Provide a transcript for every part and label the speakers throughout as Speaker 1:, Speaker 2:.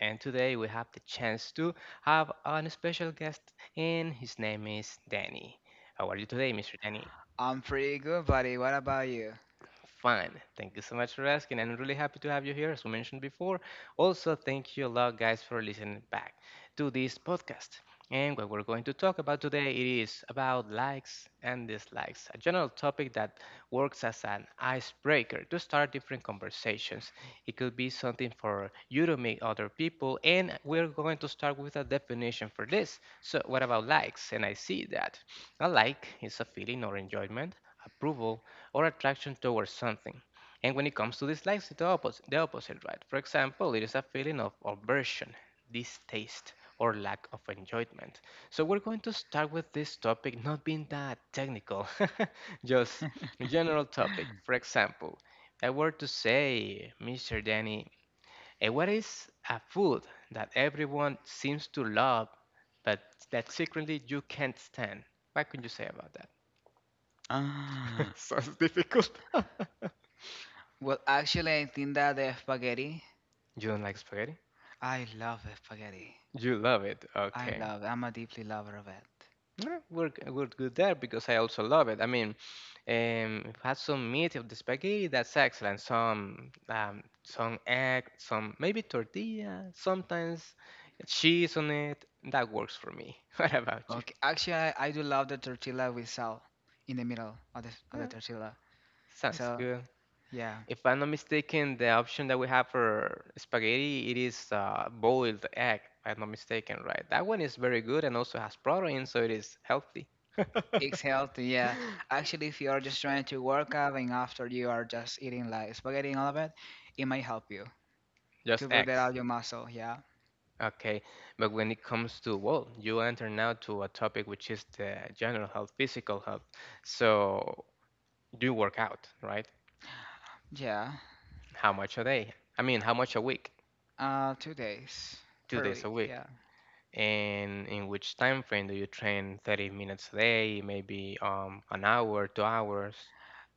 Speaker 1: And today we have the chance to have a special guest, and his name is Danny. How are you today, Mr. Danny?
Speaker 2: I'm pretty good, buddy. What about you?
Speaker 1: Fine. Thank you so much for asking. And I'm really happy to have you here, as we mentioned before. Also, thank you a lot, guys, for listening back to this podcast. And what we're going to talk about today, it is about likes and dislikes, a general topic that works as an icebreaker to start different conversations. It could be something for you to meet other people, and we're going to start with a definition for this. So, what about likes? And I see that. A like is a feeling or enjoyment, approval, or attraction towards something. And when it comes to dislikes, it's the opposite, right? For example, it is a feeling of aversion, distaste, or lack of enjoyment. So we're going to start with this topic not being that technical, just general topic. For example, I were to say, Mr. Danny, and what is a food that everyone seems to love, but that secretly you can't stand? What can you say about that?
Speaker 2: Ah,
Speaker 1: Sounds difficult.
Speaker 2: Well, actually, I think that the spaghetti.
Speaker 1: You don't like spaghetti?
Speaker 2: I love spaghetti.
Speaker 1: You love it.
Speaker 2: I
Speaker 1: Okay.
Speaker 2: love. It. I'm a deeply lover of it.
Speaker 1: No, we're, we're good there because I also love it. I mean, if had some meat of the spaghetti, that's excellent. Some egg, some maybe tortilla, sometimes cheese on it. That works for me. What about you?
Speaker 2: Okay, actually, I do love the tortilla with salt in the middle of the
Speaker 1: Yeah,
Speaker 2: tortilla.
Speaker 1: sounds
Speaker 2: So
Speaker 1: good.
Speaker 2: yeah,
Speaker 1: If I'm not mistaken, the option that we have for spaghetti, it is boiled egg, if I'm not mistaken, right? That one is very good and also has protein, so it is healthy.
Speaker 2: it's healthy. Yeah, actually, if you are just trying to work out and after you are just eating like spaghetti and all of it, it might help you
Speaker 1: Just
Speaker 2: to build
Speaker 1: eggs.
Speaker 2: out your muscle. Yeah,
Speaker 1: Okay. But when it comes to, well, you enter now to a topic which is the general health, physical health. So do you work out, right?
Speaker 2: yeah.
Speaker 1: How much a day? I mean, how much a week?
Speaker 2: 2 days
Speaker 1: Two
Speaker 2: per
Speaker 1: days a
Speaker 2: week,
Speaker 1: week.
Speaker 2: yeah.
Speaker 1: And in which time frame do you train? 30 minutes a day, maybe an hour, 2 hours?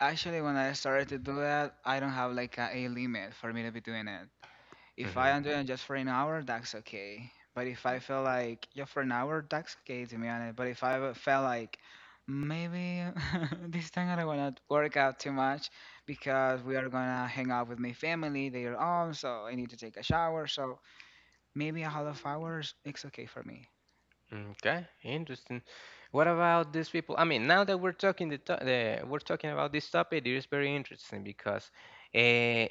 Speaker 2: Actually, when I started to do that, I don't have like a limit for me to be doing it. If I
Speaker 1: Hmm.
Speaker 2: am doing it just for an hour, that's okay. But if I feel like yeah, for an hour, that's okay to be honest. But if I would feel like maybe this time I don't wanna work out too much because we are gonna hang out with my family, they are home, so I need to take a shower. So maybe a half hours, it's okay for me.
Speaker 1: Okay, interesting. What about these people? I mean, now that we're talking the, to- the we're talking about this topic, it is very interesting because uh,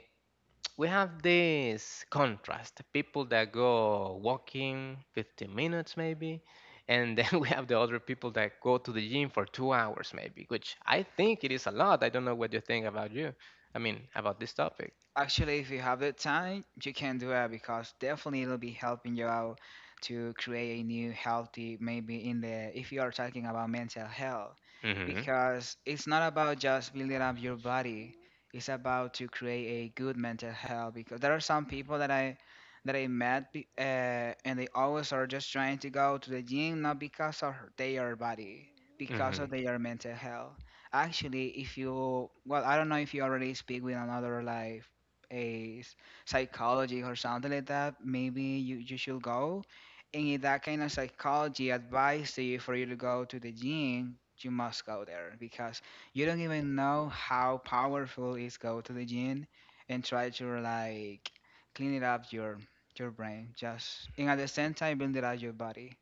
Speaker 1: we have this contrast, people that go walking 15 minutes maybe and then we have the other people that go to the gym for 2 hours maybe, which I think it is a lot. I don't know what you think about you, I mean about this topic.
Speaker 2: Actually, if you have the time, you can do it because definitely it'll be helping you out to create a new healthy, maybe in the, if you are talking about mental health,
Speaker 1: Mm-hmm.
Speaker 2: because it's not about just building up your body, it's about to create a good mental health because there are some people that I met and they always are just trying to go to the gym not because of their body, because
Speaker 1: Mm-hmm.
Speaker 2: of their mental health. Actually, if you, well, I don't know if you already speak with another life a s- psychology or something like that, maybe you should go. And if that kind of psychology advice to you for you to go to the gym, you must go there because you don't even know how powerful is go to the gym and try to like clean it up your brain just and at the same time build it up your body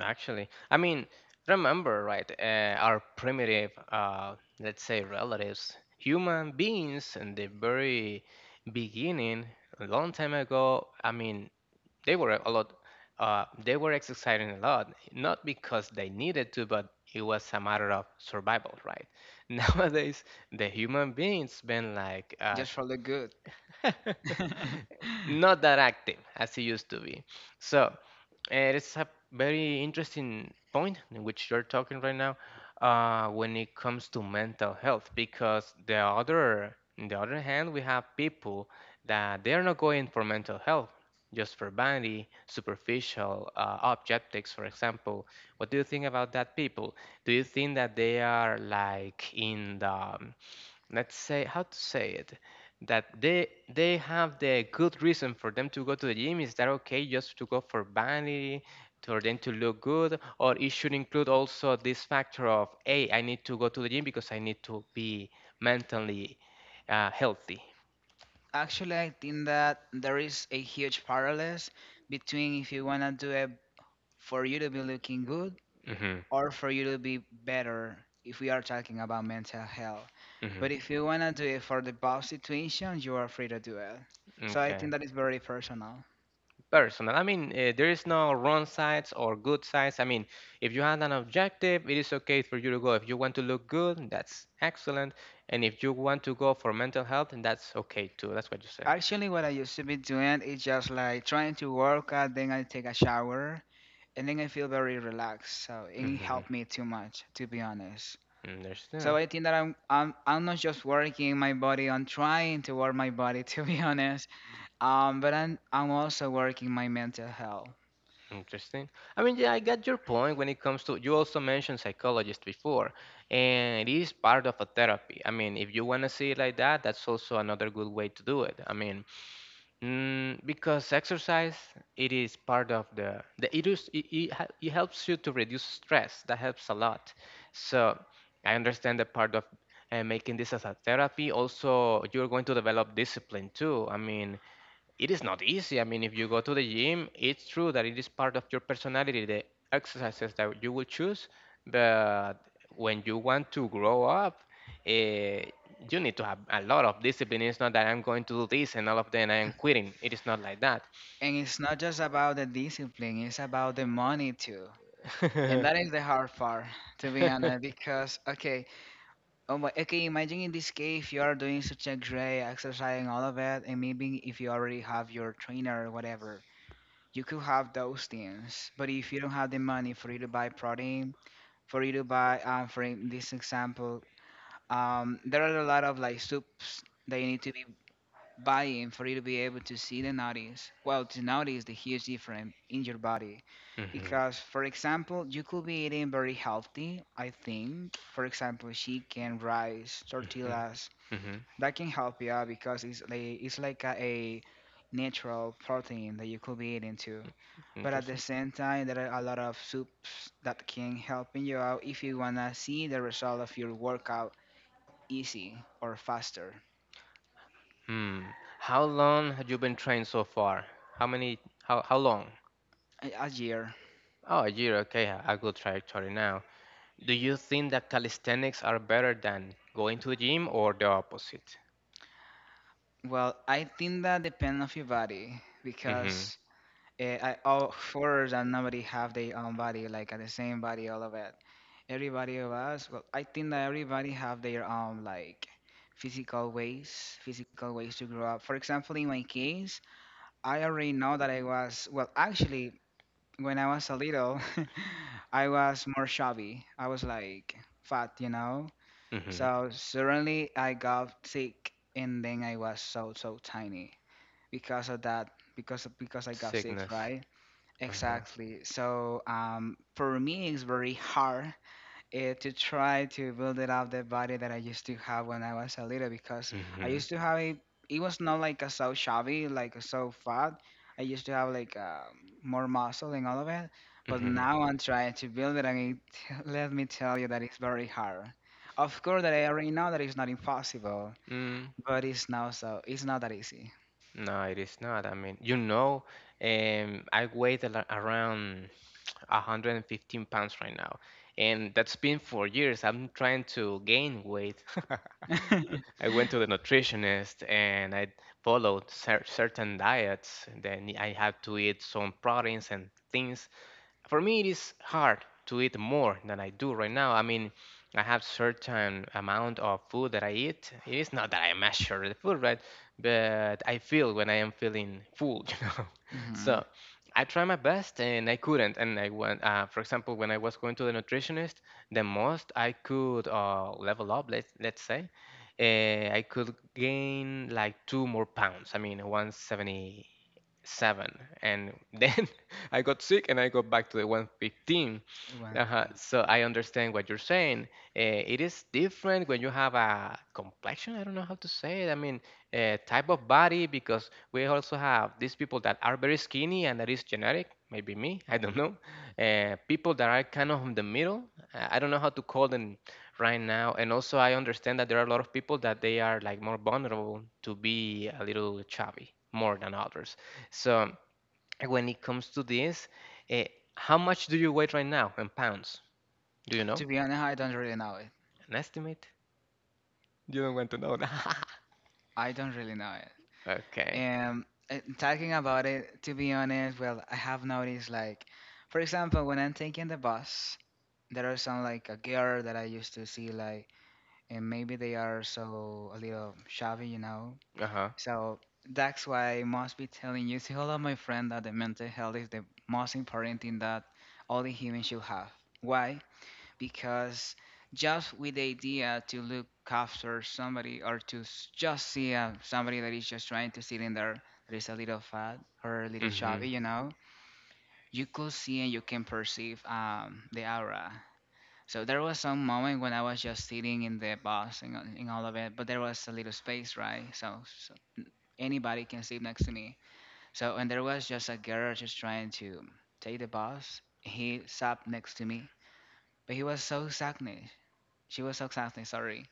Speaker 1: Actually, I mean, remember, right? Our primitive, let's say, relatives, human beings in the very beginning, a long time ago, I mean, they were a lot, they were exercising a lot, not because they needed to, but it was a matter of survival, right? Nowadays, the human beings been like,
Speaker 2: just for the good.
Speaker 1: not that active as it used to be. So, and it's a very interesting point in which you're talking right now, when it comes to mental health, because the other, on the other hand, we have people that they are not going for mental health, just for vanity, superficial objectives, for example. What do you think about that people? Do you think that they are like in the let's say, how to say it, that they have the good reason for them to go to the gym, is that okay just to go for vanity for them to look good, or it should include also this factor of, hey, I need to go to the gym because I need to be mentally healthy?
Speaker 2: Actually, I think that there is a huge parallels between if you wanna do a for you to be looking good
Speaker 1: Hmm.
Speaker 2: or for you to be better if we are talking about mental health.
Speaker 1: Hmm.
Speaker 2: But if you want to do it for the boss situation, you are free to do it. So I
Speaker 1: Okay.
Speaker 2: think that is very personal.
Speaker 1: Personal. I mean, there is no wrong sides or good sides. I mean, if you had an objective, it is okay for you to go. If you want to look good, that's excellent. And if you want to go for mental health, then that's okay too. That's what you say.
Speaker 2: Actually, what I used to be doing is just like trying to work out, then I take a shower, and then I feel very relaxed. So it
Speaker 1: Mhm.
Speaker 2: helped me too much, to be honest. So
Speaker 1: Understand.
Speaker 2: I think that I'm not just working my body, I'm trying to work my body, to be honest. But I'm also working my mental health.
Speaker 1: Interesting. I mean, yeah, I got your point when it comes to, you also mentioned psychologist before, and it is part of a therapy. I mean, if you want to see it like that, that's also another good way to do it. I mean, because exercise, it is part of the it, is, it, hel- it helps you to reduce stress. That helps a lot. So I understand the part of making this as a therapy. Also, you're going to develop discipline too. I mean, it is not easy. I mean, if you go to the gym, it's true that it is part of your personality, the exercises that you will choose. But when you want to grow up, eh, you need to have a lot of discipline. It's not that I'm going to do this and all of then I am quitting. It is not like that.
Speaker 2: And it's not just about the discipline, it's about the money too. And that is the hard part, to be honest, because okay, imagine in this case you are doing such a great exercise and all of it, and maybe if you already have your trainer or whatever, you could have those things. But if you don't have the money for you to buy protein, for you to buy, for in this example, there are a lot of like soups that you need to be buy-in for you to be able to see the notice, well, to notice the huge difference in your body.
Speaker 1: Mhm.
Speaker 2: Because, for example, you could be eating very healthy, I think. For example, chicken, rice,
Speaker 1: Mhm.
Speaker 2: tortillas.
Speaker 1: Mhm.
Speaker 2: That can help you out because it's like a natural protein that you could be eating too. But at the
Speaker 1: Interesting.
Speaker 2: same time, there are a lot of soups that can help you out if you wanna see the result of your workout easy or faster.
Speaker 1: Hmm. How long have you been trained so far? How many? How long?
Speaker 2: A year.
Speaker 1: Oh, a year. Okay, a good trajectory now. Do you think that calisthenics are better than going to the gym or the opposite?
Speaker 2: Well, I think that depends of your body
Speaker 1: Mm-hmm.
Speaker 2: because I, all fours and nobody have their own body, like the same body, all of it. Everybody of us, well, I think that everybody have their own like physical ways to grow up. For example, in my case, I already know that I was, well, actually, when I was a little, I was more chubby. I was like fat, you know?
Speaker 1: Mm-hmm.
Speaker 2: So suddenly I got sick and then I was so tiny because of that because I got it
Speaker 1: Sickness.
Speaker 2: right
Speaker 1: Uh-huh.
Speaker 2: exactly so for me it's very hard to try to build it up the body that I used to have when I was a little because I
Speaker 1: Mm-hmm.
Speaker 2: used to have a it was not like a so shabby like so fat I used to have like more muscle and all of it but
Speaker 1: Mm-hmm.
Speaker 2: now I'm trying to build it and it, let me tell you that it's very hard. Of course that I already know that it's not impossible
Speaker 1: Hmm.
Speaker 2: but it's not so it's not that easy.
Speaker 1: No, it is not. I mean, you know, I weigh around 115 pounds right now, and that's been for years. I'm trying to gain weight. But I went to the nutritionist and I followed certain diets. Then I had to eat some proteins and things, for me it is hard to eat more than I do right now. I mean, I have certain amount of food that I eat. It is not that I measure the food, right? But I feel when I am feeling full, you know.
Speaker 2: hmm
Speaker 1: So I try my best and I couldn't. And I went, for example, when I was going to the nutritionist, the most I could level up, let's say, uh, I could gain like two more pounds. I mean, 177, and then I got sick and I got back to the 115.
Speaker 2: One
Speaker 1: Uh-huh.
Speaker 2: thing.
Speaker 1: So I understand what you're saying. It is different when you have a complexion. I don't know how to say it. I mean, type of body, because we also have these people that are very skinny and that is genetic. Maybe me, I don't know. People that are kind of in the middle. I don't know how to call them right now. And also, I understand that there are a lot of people that they are like more vulnerable to be a little chubby more than others. So when it comes to this, uh, how much do you weigh right now in pounds? Do you know?
Speaker 2: To be honest, I don't really know it.
Speaker 1: An estimate? You don't want to know.
Speaker 2: I don't really know it.
Speaker 1: Okay.
Speaker 2: Talking about it, to be honest, well, I have noticed like, for example, when I'm taking the bus, there are some like a girl that I used to see like, and maybe they are so a little shabby, you know.
Speaker 1: Uh huh.
Speaker 2: So that's why I must be telling you to all of my friend that the mental health is the most important thing that all the human should have. Why? Because just with the idea to look after somebody or to just see somebody that is just trying to sit in there that is a little fat or a little
Speaker 1: Mhm.
Speaker 2: chubby, you know, you could see and you can perceive the aura. So there was some moment when I was just sitting in the bus and, and all of it, but there was a little space, right? So, so anybody can sit next to me. So and there was just a girl just trying to take the bus. He sat next to me, but he was so sad. She was so something, sorry.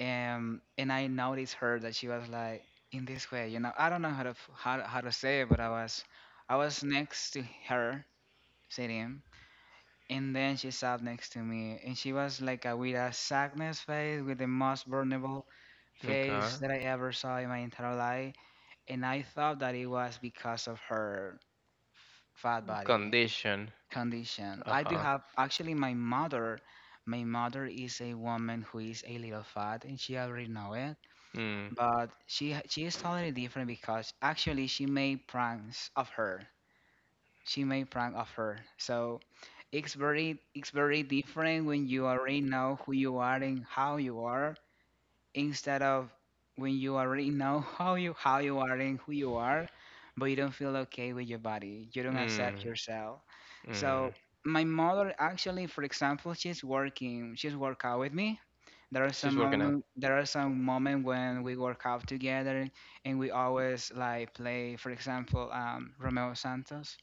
Speaker 2: And I noticed her that she was like in this way, you know. I don't know how to how to say it, but I was next to her sitting, and then she sat next to me, and she was like a, with a sadness face, with the most vulnerable
Speaker 1: Okay.
Speaker 2: face that I ever saw in my entire life, and I thought that it was because of her fat body
Speaker 1: Condition.
Speaker 2: condition.
Speaker 1: Uh
Speaker 2: I do
Speaker 1: huh.
Speaker 2: have actually my mother. My mother is a woman who is a little fat, and she already know it.
Speaker 1: Mm.
Speaker 2: But she is totally different because actually she made pranks of her. She made prank of her. So it's very different when you already know who you are and how you are instead of when you already know how you are and who you are, but you don't feel okay with your body. You don't accept
Speaker 1: Mm.
Speaker 2: yourself.
Speaker 1: Mm.
Speaker 2: So my mother actually, for example, she's working. She's work out with me.
Speaker 1: She's working out.
Speaker 2: There are some moment when we work out together, and we always like play. For example, Romeo Santos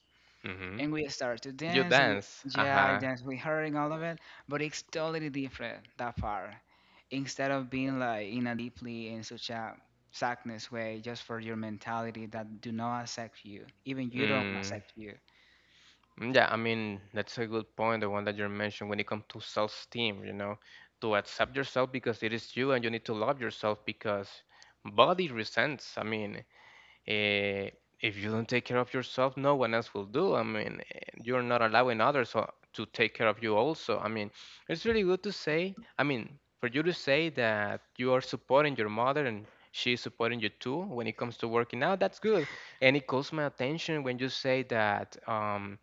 Speaker 1: Mhm.
Speaker 2: and we started to
Speaker 1: You
Speaker 2: dance and we
Speaker 1: dance. Uh
Speaker 2: yeah I
Speaker 1: huh.
Speaker 2: danced with her and all of it but it's totally different that far instead of being like in a deeply in such a sadness way just for your mentality that do not accept you even you don't
Speaker 1: Mm,
Speaker 2: accept you.
Speaker 1: yeah, I mean, that's a good point, the one that you mentioned when it comes to self-esteem, you know, to accept yourself because it is you and you need to love yourself because body resents. I mean, Eh, if you don't take care of yourself, no one else will do. I mean, you're not allowing others to take care of you also. I mean, it's really good to say, I mean, for you to say that you are supporting your mother and she's supporting you too when it comes to working out, that's good. And it calls my attention when you say that.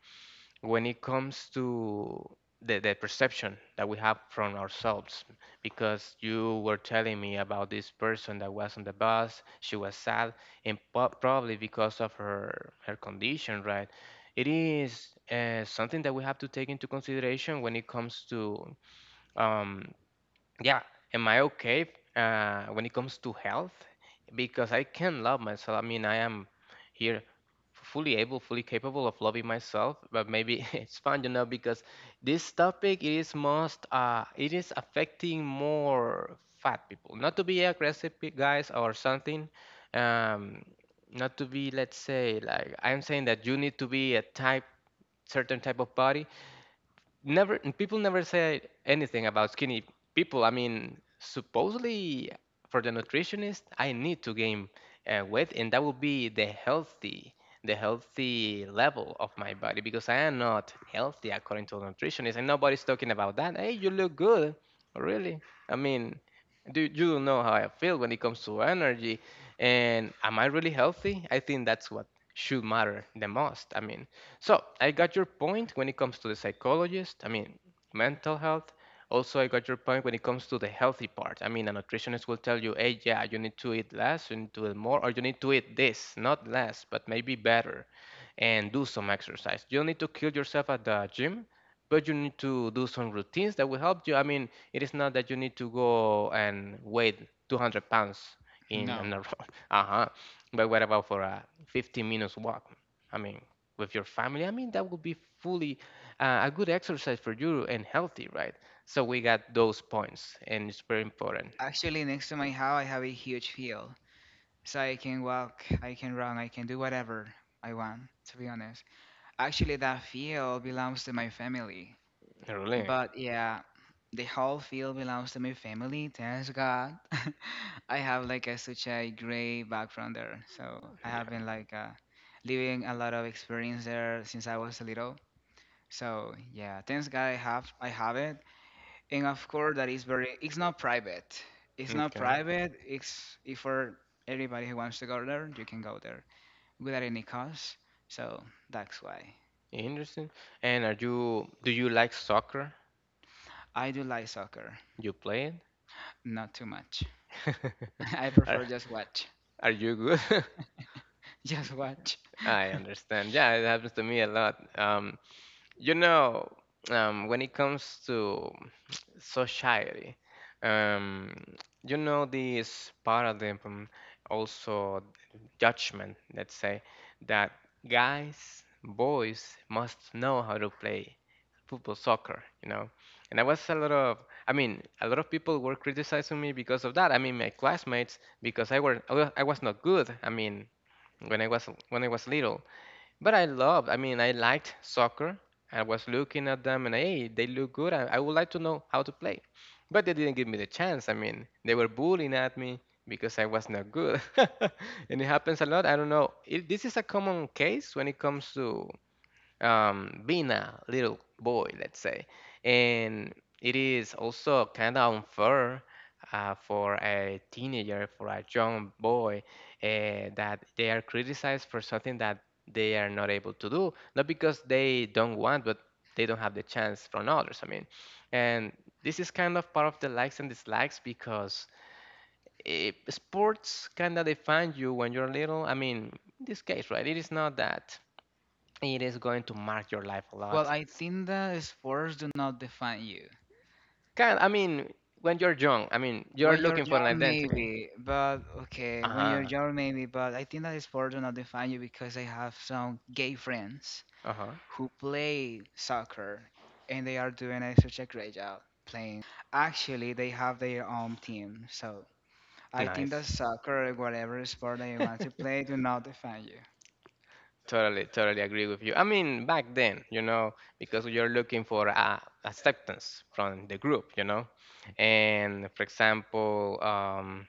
Speaker 1: When it comes to the perception that we have from ourselves, because you were telling me about this person that was on the bus, she was sad and probably because of her her condition, right? It is something that we have to take into consideration when it comes to, um, yeah, am I okay, when it comes to health, because I can love myself, I mean, I am here fully able, fully capable of loving myself, but maybe it's fun, you know, because this topic it is most it is affecting more fat people, not to be aggressive, guys or something, um, not to be, let's say, like I'm saying that you need to be a type certain type of body. Never people, never say anything about skinny people. I mean, supposedly for the nutritionist, I need to gain weight, and that will be the healthy, the healthy level of my body, because I am not healthy according to the nutritionist, and nobody's talking about that. Hey, you look good. Oh, really. I mean, do you don't know how I feel when it comes to energy, and am I really healthy? I think that's what should matter the most. I mean, so I got your point when it comes to the psychologist. I mean, mental health. Also, I got your point when it comes to the healthy part. I mean, a nutritionist will tell you, hey, yeah, you need to eat less, you need to eat more, or you need to eat this, not less, but maybe better, and do some exercise. You don't need to kill yourself at the gym, but you need to do some routines that will help you. I mean, it is not that you need to go and weigh 200 pounds in,
Speaker 2: No,
Speaker 1: in a Uh-huh. But what about for a 15 minutes walk? I mean, with your family. I mean, that would be fully a good exercise for you and healthy, right? So we got those points, and it's very important,
Speaker 2: actually, next to my house I have a huge field so I can walk, I can run, I can do whatever I want, to be honest. Actually, that field belongs to my family.
Speaker 1: really.
Speaker 2: But yeah, the whole field belongs to my family. Thanks God. I have like a such a great background there, so I
Speaker 1: Yeah.
Speaker 2: have been like living a lot of experience there since I was little. So yeah, thanks God I have it, and of course that is very. It's not private. It's not
Speaker 1: Okay.
Speaker 2: private. It's if for everybody who wants to go there, you can go there without any cost. So that's why
Speaker 1: Interesting. And are you? Do you like soccer?
Speaker 2: I do like soccer,
Speaker 1: You play it?
Speaker 2: not too much. I
Speaker 1: Are-
Speaker 2: prefer just watch.
Speaker 1: Are you good?
Speaker 2: Just watch.
Speaker 1: I understand. Yeah, it happens to me a lot. You know, when it comes to society, um, this paradigm, also judgment, let's say, that guys, boys must know how to play football, soccer. And I mean, a lot of people were criticizing me because of that. I mean, my classmates, because I was not good. I mean, when I was little. But I mean, I liked soccer. I was looking at them and hey, they look good. I would like to know how to play. But they didn't give me the chance. I mean, they were bullying at me because I was not good. And it happens a lot. I don't know. This is a common case when it comes to being a little boy, let's say. And it is also kind of unfair for a teenager, for a young boy, that they are criticized for something that they are not able to do, not because they don't want, but they don't have the chance from others. I mean, and this is kind of part of the likes and dislikes because sports kind of define you when you're little. I mean, in this case, right? It is not that. It is going to mark your life a
Speaker 2: Well,
Speaker 1: lot.
Speaker 2: I think that sports do not define you.
Speaker 1: Can I mean, when you're young, I mean, you're
Speaker 2: When you're
Speaker 1: looking for an
Speaker 2: young,
Speaker 1: identity.
Speaker 2: maybe, but okay, when you're
Speaker 1: Uh-huh.
Speaker 2: young, maybe, but I think that sports do not define you because I have some gay friends
Speaker 1: Uh-huh.
Speaker 2: who play soccer and they are doing a such a great job playing. Actually, they have their own team, so I think that
Speaker 1: Nice.
Speaker 2: soccer or whatever sport that you want to play do not define you.
Speaker 1: Totally, totally agree with you. I mean, back then, because you're looking for acceptance from the group. And for example,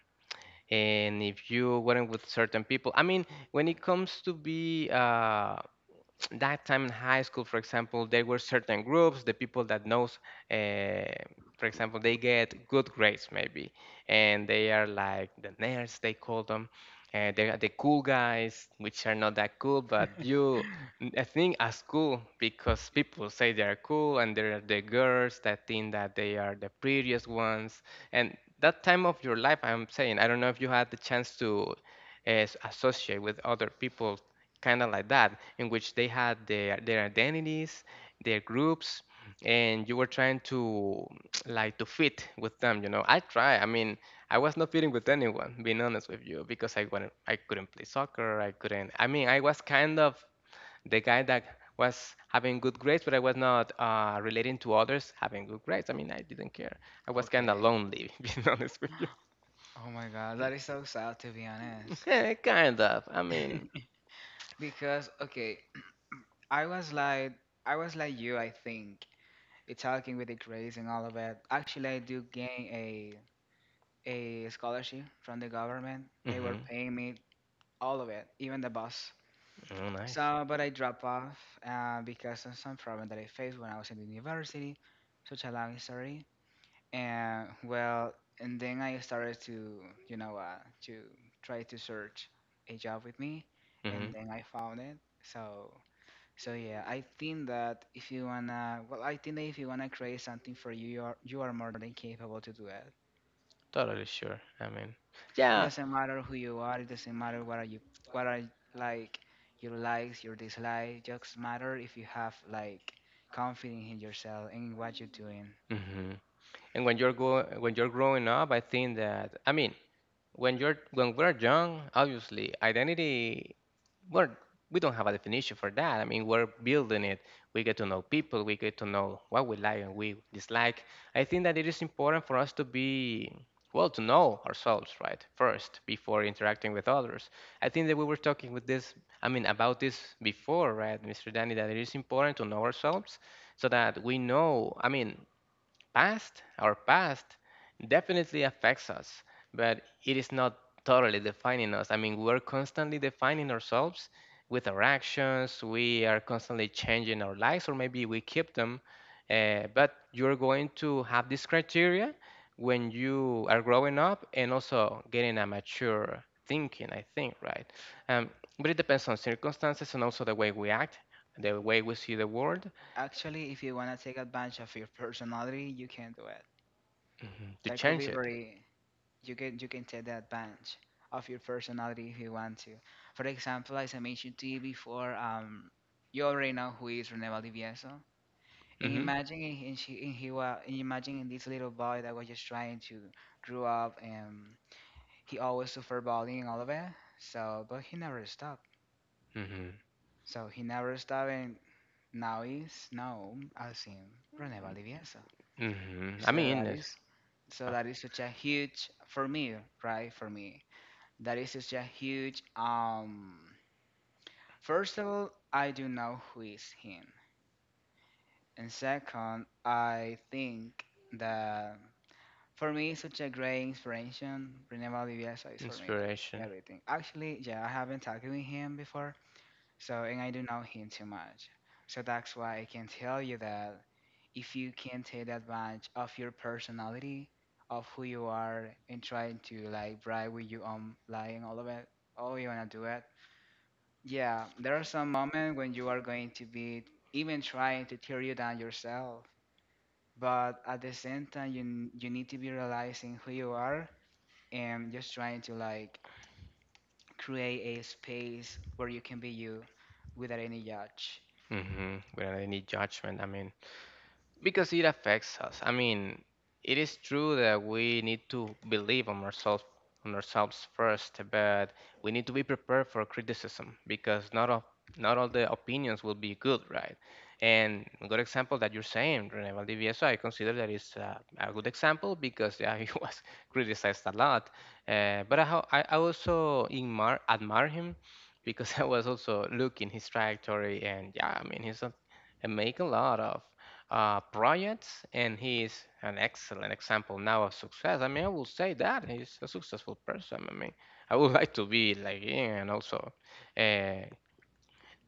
Speaker 1: and if you weren't with certain people, I mean, when it comes to be that time in high school, for example, there were certain groups, the people that knows, uh, for example, they get good grades maybe, and they are like the nerds, they call them. They are the cool guys, which are not that cool, but you, I think, as cool because people say they are cool, and there are the girls that think that they are the prettiest ones. And that time of your life, I'm saying, I don't know if you had the chance to uh, associate with other people kind of like that, in which they had their identities, their groups, and you were trying to like to fit with them. You know, I try. I mean, I was not fitting with anyone, being honest with you, because I wanted, I couldn't play soccer. I couldn't. I mean, I was kind of the guy that was having good grades, but I was not relating to others having good grades. I mean, I didn't care. I was kind of
Speaker 2: Okay.
Speaker 1: lonely, being honest with you.
Speaker 2: Oh my God, that is so sad to be honest.
Speaker 1: Kind of. I mean.
Speaker 2: Because, okay, I was like I was like you, I think. You talking with the grades and all of it. Actually, I do gain a scholarship from the government. They were
Speaker 1: Hmm.
Speaker 2: paying me all of it, even the bus.
Speaker 1: Oh, nice.
Speaker 2: So, but I dropped off because of some problem that I faced when I was in the university. Such a long story. And well, and then I started to, to try to search a job with me, and
Speaker 1: Mhm.
Speaker 2: then I found it. So so yeah, I think that if you wanna, well, I think that if you wanna create something for you, you are more than capable to do it.
Speaker 1: Totally sure. I mean,
Speaker 2: It
Speaker 1: yeah.
Speaker 2: doesn't matter who you are. It doesn't matter what are like your likes, your dislikes. Just matter if you have like confidence in yourself and in what you're doing.
Speaker 1: Hmm. And when you're growing up, I think that, I mean, when you're when we're young, obviously identity we're we don't have a definition for that. I mean, we're building it. We get to know people. We get to know what we like and we dislike. I think that it is important for us to be well, to know ourselves, right? First, before interacting with others. I think that we were talking with this. I mean, about this before, right, Mr. Danny? That it is important to know ourselves so that we know. I mean, our past, definitely affects us, but it is not totally defining us. I mean, we're constantly defining ourselves with our actions. We are constantly changing our lives, or maybe we keep them. But you're going to have this criteria when you are growing up and also getting a mature thinking, I think, right? Um, but it depends on circumstances and also the way we act, the way we see the world,
Speaker 2: Actually, if you wanna take advantage of your personality, you can do it.
Speaker 1: mhm, to
Speaker 2: That could be
Speaker 1: change it.
Speaker 2: very you can take the advantage of your personality if you want to. For example, as I mentioned to you before, you already know who is Reneva Divieso. And
Speaker 1: Hmm.
Speaker 2: imagine in she in he was imagine in this little boy that was just trying to grow up and he always suffered bullying and all of that. So but he never stopped.
Speaker 1: Mhm.
Speaker 2: So he never stopped and now he's known as him Reneva Divieso.
Speaker 1: Mhm. I
Speaker 2: So
Speaker 1: mean,
Speaker 2: that
Speaker 1: it's,
Speaker 2: is so
Speaker 1: uh,
Speaker 2: that is such a huge for me, right? For me. That is such a huge. First of all, I do know who is him, and second, I think that for me it's such a great inspiration. René Valdivieso is for me like
Speaker 1: inspiration.
Speaker 2: everything. Actually, yeah, I haven't talked with him before, so and I do know him too much, so that's why I can tell you that if you can take advantage of your personality, of who you are, and trying to like brag with your own lying all of it, oh, you wanna do it. Yeah, there are some moments when you are going to be even trying to tear you down yourself, but at the same time, you need to be realizing who you are and just trying to like create a space where you can be you without any judge.
Speaker 1: Mhm. Without any judgment. I mean, because it affects us. I mean, it is true that we need to believe on ourselves first, but we need to be prepared for criticism because not all the opinions will be good, right? And a good example that you're saying, Rene Valdivieso, I consider that is a good example because yeah, he was criticized a lot. But I, ho- I also admire him because I was also looking his trajectory and yeah, I mean, and make a lot of projects, and he is an excellent example now of success. I mean, I will say that he's a successful person. I mean, I would like to be like him, and also, uh,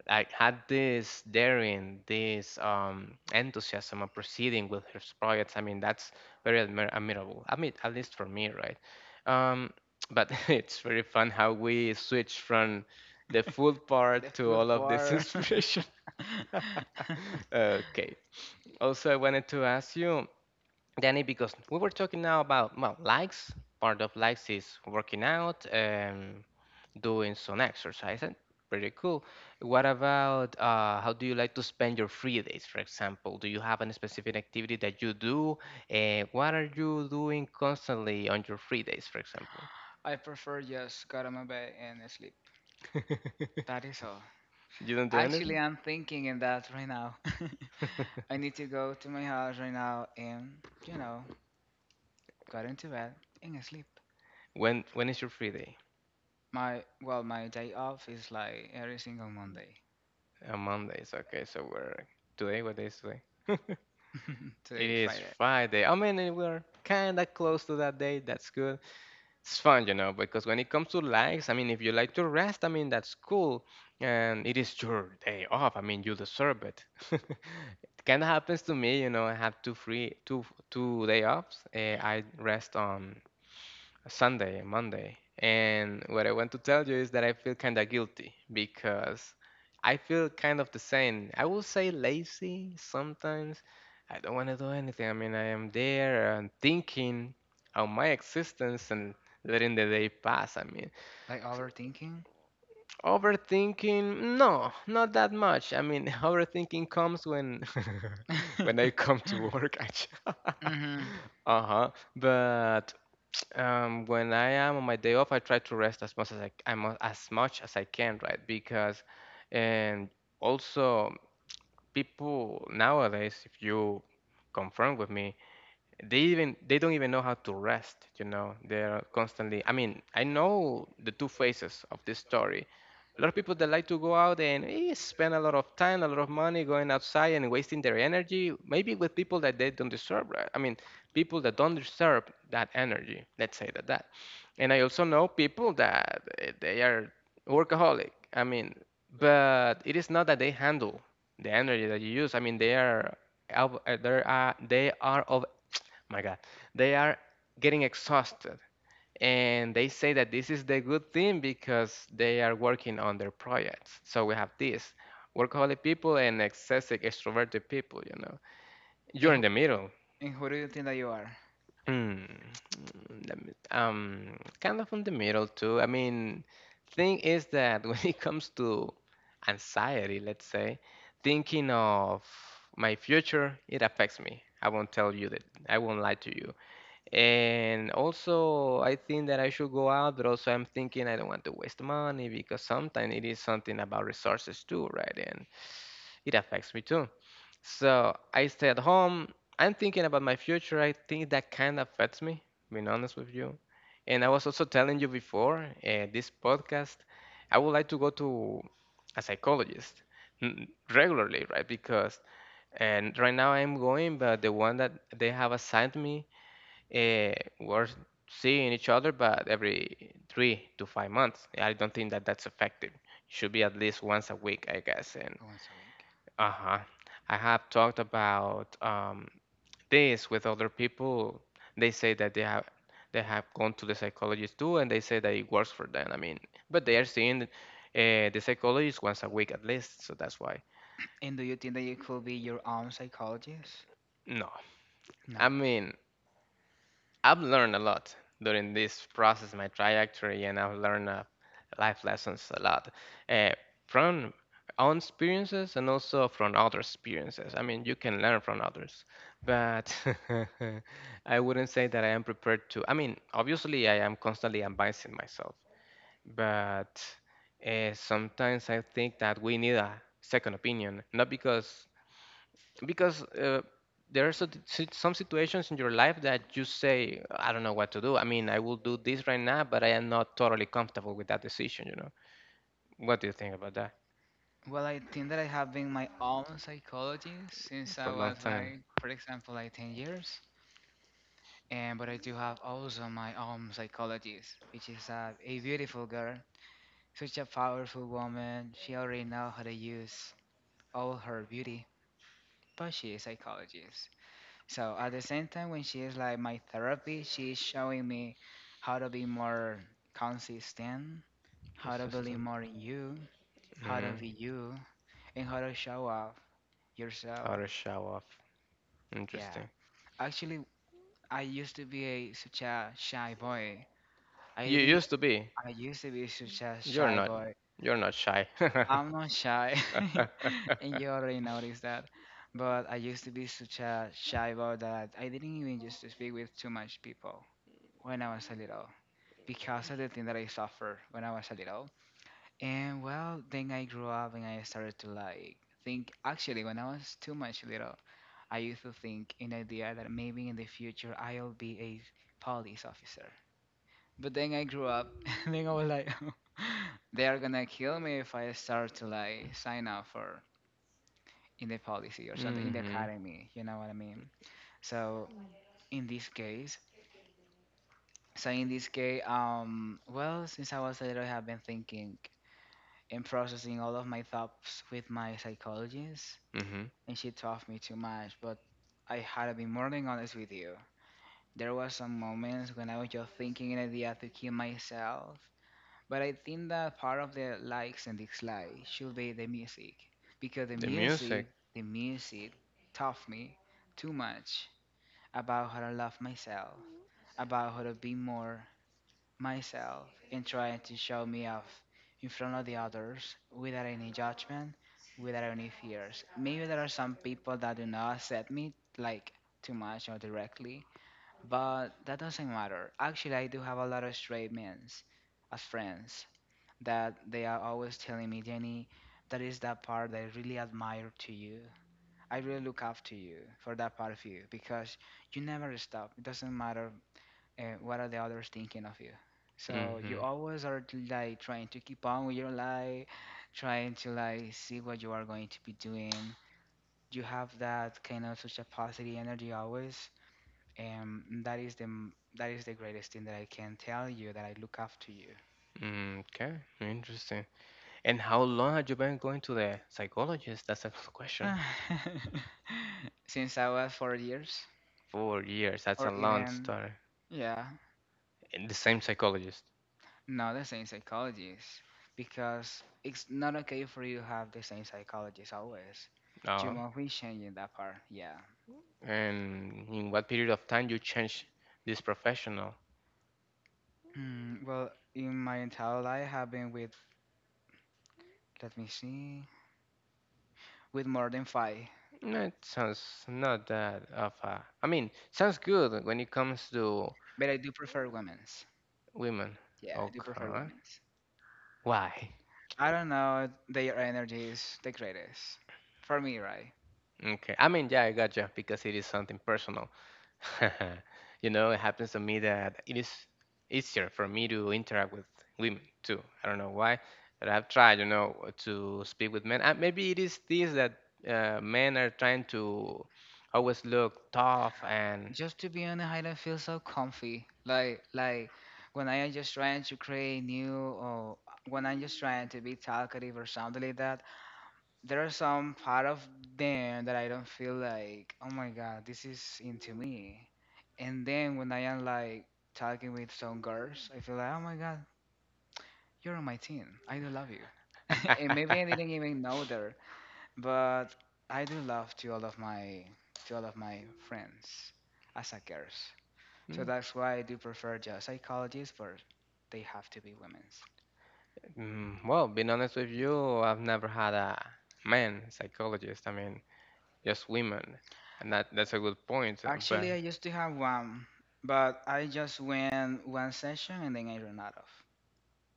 Speaker 1: like had this daring, this enthusiasm of proceeding with his projects. I mean, that's very admirable. I mean, at least for me, right? Um, but it's very fun how we switch from the food
Speaker 2: The
Speaker 1: part to
Speaker 2: food
Speaker 1: all of this
Speaker 2: bar.
Speaker 1: inspiration. Okay. Also, I wanted to ask you, Danny, because we were talking now about well, likes. Part of likes is working out and doing some exercise. And pretty cool. What about how do you like to spend your free days, for example? Do you have any specific activity that you do? What are you doing constantly on your free days, for example?
Speaker 2: I prefer just go to my bed and sleep. That is all.
Speaker 1: You don't do
Speaker 2: Actually,
Speaker 1: anything?
Speaker 2: I'm thinking in that right now. I need to go to my house right now and you know got into bed, and sleep.
Speaker 1: When is your free day?
Speaker 2: My well, my day off is like every single Monday.
Speaker 1: On Mondays. Okay, so we're today. What day is today?
Speaker 2: Today
Speaker 1: It
Speaker 2: is
Speaker 1: is
Speaker 2: Friday.
Speaker 1: Friday. I mean, we're kind of close to that day. That's good. It's fun, because when it comes to likes, I mean, if you like to rest, I mean, that's cool. And it is your day off. I mean, you deserve it. It kind of happens to me. I have two free, two two day offs. I rest on Sunday, Monday. And what I want to tell you is that I feel kind of guilty because I feel kind of the same. I will say lazy sometimes. I don't want to do anything. I mean, I am there and thinking on my existence and letting the day pass. I mean,
Speaker 2: Like overthinking.
Speaker 1: overthinking, no, not that much. I mean, overthinking comes when when I come to work actually.
Speaker 2: Mhm.
Speaker 1: Uh-huh. But when I am on my day off, I try to rest as much as I can, right? Because, and also people nowadays, if you confirm with me, they don't even know how to rest, they're constantly, I mean, I know the two faces of this story. A lot of people that like to go out and spend a lot of time a lot of money going outside and wasting their energy maybe with people that they don't deserve, right? I mean, people that don't deserve that energy, let's say that. And I also know people that they are workaholic. I mean, but it is not that they handle the energy that you use. I mean, they are of my God, they are getting exhausted. And they say that this is the good thing because they are working on their projects. So we have this workaholic people and excessive extroverted people, you know.
Speaker 2: And
Speaker 1: You're in
Speaker 2: who,
Speaker 1: the middle.
Speaker 2: and who do you think that you are?
Speaker 1: Hmm, kind of in the middle too. I mean, thing is that when it comes to anxiety, let's say, thinking of my future, it affects me. I won't tell you that. I won't lie to you. And also, I think that I should go out, but also I'm thinking I don't want to waste money because sometimes it is something about resources too, right? And it affects me too. So I stay at home. I'm thinking about my future. I think that kind of affects me, being honest with you. And I was also telling you before this podcast, I would like to go to a psychologist n- regularly, right? Because and right now I'm going, but the one that they have assigned me, uh, we're seeing each other, but every 3 to 5 months. I don't think that that's effective. Should be at least once a week, I guess. And
Speaker 2: Once a week.
Speaker 1: uh huh, I have talked about this with other people. They say that they have gone to the psychologist too, and they say that it works for them. I mean, but they are seeing the psychologist once a week at least, so that's why.
Speaker 2: And do you think that you could be your own psychologist?
Speaker 1: No,
Speaker 2: No.
Speaker 1: I mean, I've learned a lot during this process, my trajectory, and I've learned life lessons a lot uh, from own experiences and also from other experiences. I mean, you can learn from others, but I wouldn't say that I am prepared to. I mean, obviously, I am constantly advancing myself, but sometimes I think that we need a second opinion, not because there are some situations in your life that you say, I don't know what to do. I mean, I will do this right now, but I am not totally comfortable with that decision, you know. What do you think about that?
Speaker 2: Well, I think that I have been my own psychologist since I
Speaker 1: For a long
Speaker 2: was
Speaker 1: time,
Speaker 2: like, for example, like 10 years. And but I do have also my own psychologist, which is a beautiful girl. Such a powerful woman, she already knows how to use all her beauty, but she is psychologist. So at the same time, when she is like my therapy, she is showing me how to be more consistent, how to believe
Speaker 1: consistent.
Speaker 2: more in you, how to
Speaker 1: Mm,
Speaker 2: be you, and how to show up
Speaker 1: how
Speaker 2: yourself.
Speaker 1: to show off.
Speaker 2: Yeah,
Speaker 1: Interesting.
Speaker 2: actually, I used to be a, such a shy boy. I
Speaker 1: You
Speaker 2: think
Speaker 1: used to be.
Speaker 2: I used to be such a
Speaker 1: You're
Speaker 2: shy
Speaker 1: not.
Speaker 2: boy,
Speaker 1: You're not shy.
Speaker 2: I'm not shy, and you already noticed that. But I used to be such a shy about that I didn't even used to speak with too much people when I was a little because of the thing that I suffered when I was a little. And well, then I grew up and I started to like think. Actually, when I was too much little, I used to think in the idea that maybe in the future I'll be a police officer. But then I grew up, and then I was like, they are gonna kill me if I start to like sign up for in the policy or something in the
Speaker 1: hmm
Speaker 2: academy. You know what I mean? So in this case, so in this case, well, since I was little, I have been thinking and processing all of my thoughts with my psychologist,
Speaker 1: hmm
Speaker 2: and she taught me too much. But I had to be more than honest with you. There was some moments when I was just thinking an idea to kill myself. But I think that part of the likes and dislikes should be the music, because
Speaker 1: The music.
Speaker 2: the music taught me too much about how to love myself, about how to be more myself, and trying to show me off in front of the others without any judgment, without any fears. Maybe there are some people that do not accept me like too much or directly, but that doesn't matter. Actually, I do have a lot of straight men as friends that they are always telling me, Jenny, that is that part that I really admire to you. I really look up to you for that part of you because you never stop. It doesn't matter what are the others thinking of you. So you
Speaker 1: Mm-hmm.
Speaker 2: always are like trying to keep on with your life, trying to like see what you are going to be doing. You have that kind of such a positive energy always, and that is the greatest thing that I can tell you that I look up to you.
Speaker 1: Okay, interesting. And how long had you been going to the psychologist? That's a good question.
Speaker 2: Since I was 4 years,
Speaker 1: 4 years. That's
Speaker 2: or
Speaker 1: a long
Speaker 2: even,
Speaker 1: story.
Speaker 2: yeah,
Speaker 1: And the same psychologist.
Speaker 2: no, the same psychologist. Because it's not okay for you to have the same psychologist always. You
Speaker 1: Oh.
Speaker 2: must be changing that part, yeah.
Speaker 1: And in what period of time you change this professional?
Speaker 2: Hmm, well, in my entire life, I've been with, let me see, with more than five.
Speaker 1: That sounds not that of a. I mean, sounds good when it comes to
Speaker 2: But I do prefer women's.
Speaker 1: women.
Speaker 2: Yeah, I do prefer
Speaker 1: Okay.
Speaker 2: women's.
Speaker 1: Why?
Speaker 2: I don't know, their energy is the greatest. For me, right?
Speaker 1: Okay. I mean, yeah, I gotcha because it is something personal. It happens to me that it is easier for me to interact with women too. I don't know why, but I've tried, to speak with men. And maybe it is this that men are trying to always look tough and.
Speaker 2: Just to be on the island feels so comfy. Like when I am just trying to create new or when I'm just trying to be talkative or something like that, there are some part of them that I don't feel like, oh my God, this is into me. And then when I am like talking with some girls, I feel like, oh my God, you're on my team. I do love you. And maybe I didn't even know that, but I do love to all of my to all of my friends as a girls. So
Speaker 1: Hmm.
Speaker 2: that's why I do prefer just psychologists, but they have to be women's.
Speaker 1: Well, being honest with you, I've never had a man psychologist. I mean, just women, and that's a good point. uh, But
Speaker 2: Actually, I used to have one, but I just went one session and then I ran out of.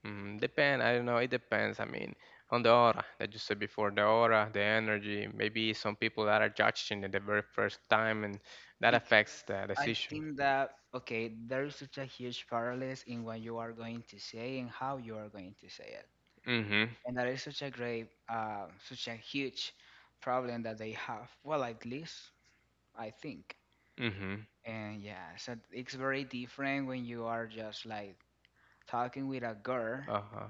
Speaker 1: mm, depend, I don't know. It depends. I mean, on the aura that you said before, the aura, the energy. Maybe some people that are judging at the very first time, and that
Speaker 2: Because
Speaker 1: affects the
Speaker 2: I
Speaker 1: decision.
Speaker 2: think that, okay, there is such a huge parallels in what you are going to say and how you are going to say it.
Speaker 1: Mm-hmm.
Speaker 2: And that is such a great, such a huge problem that they have. Well, at least I think.
Speaker 1: Mm-hmm.
Speaker 2: And yeah, so it's very different when you are just like talking with a girl
Speaker 1: Uh-huh.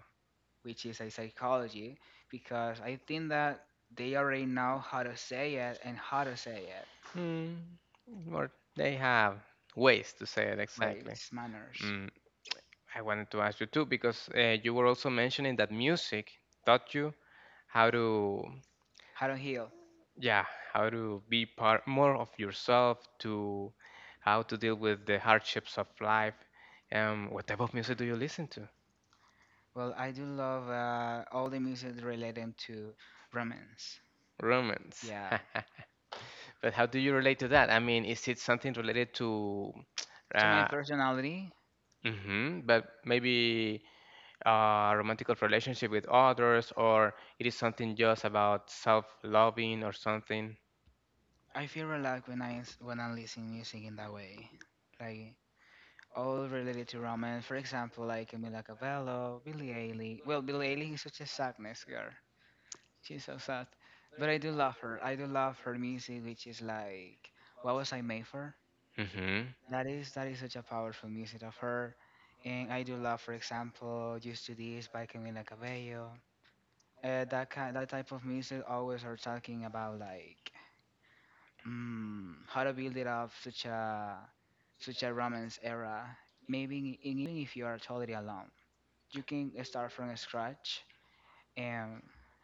Speaker 2: which is a psychology, because I think that they already know how to say it and how to say it.
Speaker 1: Hmm. Or they have ways to say it exactly.
Speaker 2: Ways, manners,
Speaker 1: Mm, I wanted to ask you too because you were also mentioning that music taught you how to.
Speaker 2: how to heal.
Speaker 1: Yeah, how to be part more of yourself, to how to deal with the hardships of life. What type of music do you listen to?
Speaker 2: Well, I do love all the music related to romance.
Speaker 1: Romance.
Speaker 2: Yeah,
Speaker 1: but how do you relate to that? I mean, is it something related to
Speaker 2: to my
Speaker 1: uh
Speaker 2: personality,
Speaker 1: but maybe a romantic relationship with others, or it is something just about self-loving or something?
Speaker 2: I feel relaxed when I listen music in that way, like all related to romance. For example, like Camila Cabello, Billie Eilish. Well, Billie Eilish is such a sadness girl, she's so sad. But I do love her. I do love her music, which is like, what was I made for?
Speaker 1: Mm-hmm.
Speaker 2: That is such a powerful music of her. And I do love, for example, Used to This by Camila Cabello. That type of music always are talking about like, how to build it up such a romance era. Maybe and even if you are totally alone, you can start from scratch and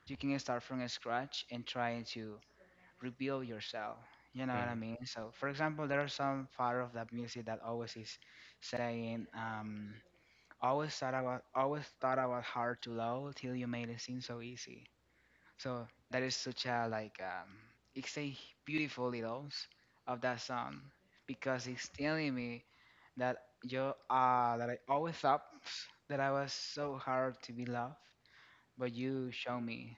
Speaker 2: you can start from scratch and try to reveal yourself. You know what I
Speaker 1: Mm.
Speaker 2: mean? So, for example, there are some part of that music that always is saying, "Always thought I was, always thought I was hard to love till you made it seem so easy." So that is such a like, it's a beautiful little s- of that song because it's telling me that you that I always thought that I was so hard to be loved, but you show me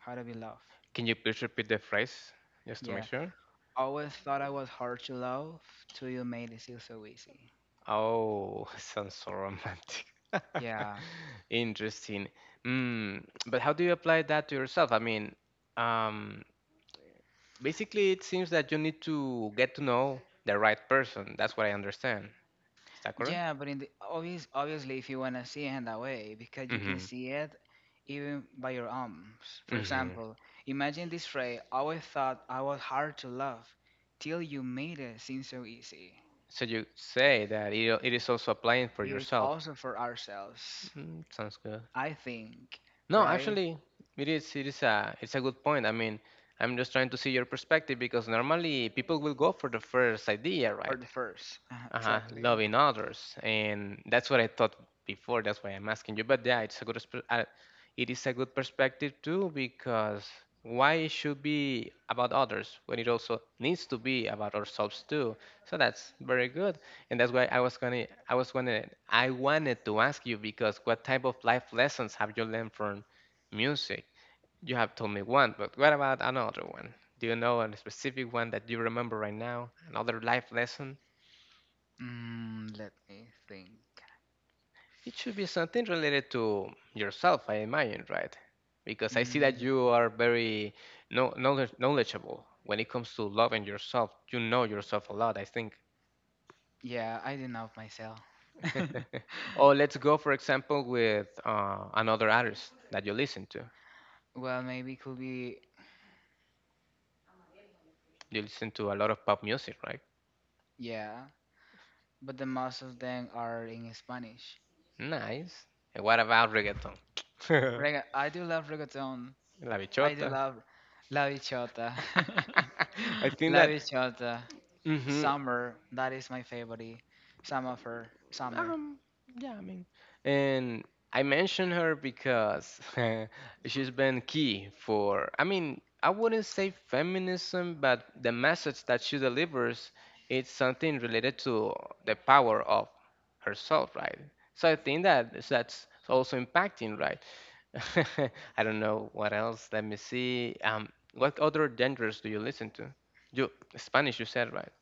Speaker 2: how to be loved.
Speaker 1: Can you please repeat the phrase just to make
Speaker 2: Yeah.
Speaker 1: sure?
Speaker 2: Always thought I was hard to love, till you made it seem so easy.
Speaker 1: Oh, sounds so romantic.
Speaker 2: Yeah,
Speaker 1: Interesting. But how do you apply that to yourself? I mean, um, basically, it seems that you need to get to know the right person. That's what I understand. Is that correct?
Speaker 2: yeah, but in the obvious, obviously, if you wanna see it in that way, because you can
Speaker 1: Mm-hmm.
Speaker 2: see it even by your arms. For
Speaker 1: Mm-hmm.
Speaker 2: example, imagine this phrase: "I always thought I was hard to love, till you made it seem so easy."
Speaker 1: So you say that it is also applying for
Speaker 2: It is
Speaker 1: yourself.
Speaker 2: also for ourselves,
Speaker 1: Sounds good.
Speaker 2: I think,
Speaker 1: No,
Speaker 2: right?
Speaker 1: actually, it's a good point. I mean, I'm just trying to see your perspective because normally people will go for the first idea,
Speaker 2: For
Speaker 1: right?
Speaker 2: the first, exactly.
Speaker 1: Loving others, and that's what I thought before. That's why I'm asking you. But yeah, it is a good perspective too, because why it should be about others when it also needs to be about ourselves too? So that's very good. And that's why I was gonna I was gonna I wanted to ask you, because what type of life lessons have you learned from music? You have told me one, but what about another one? Do you know a specific one that you remember right now? Another life lesson.
Speaker 2: Let me think.
Speaker 1: It should be something related to yourself, I imagine, right? Because I see that
Speaker 2: Mm.
Speaker 1: you are very knowledgeable when it comes to loving yourself. You know yourself a lot, I think.
Speaker 2: Yeah, I didn't know myself.
Speaker 1: or let's go, for example, with another artist that you listen to.
Speaker 2: Well, maybe could be,
Speaker 1: You listen to a lot of pop music, right?
Speaker 2: yeah, but the most of them are in Spanish.
Speaker 1: Nice. And what about reggaeton?
Speaker 2: I do love reggaeton.
Speaker 1: La
Speaker 2: I do
Speaker 1: bichota.
Speaker 2: love La Bichota.
Speaker 1: I think
Speaker 2: La
Speaker 1: that.
Speaker 2: Bichota. The
Speaker 1: hmm
Speaker 2: summer, that is my favorite. Summer for summer.
Speaker 1: Um, yeah, I mean, and I mentioned her because she's been key for, I mean, I wouldn't say feminism, but the message that she delivers, it's something related to the power of herself, right? So I think that that's also impacting, right? I don't know what else. Let me see. What other genres do you listen to? You Spanish, you said, right?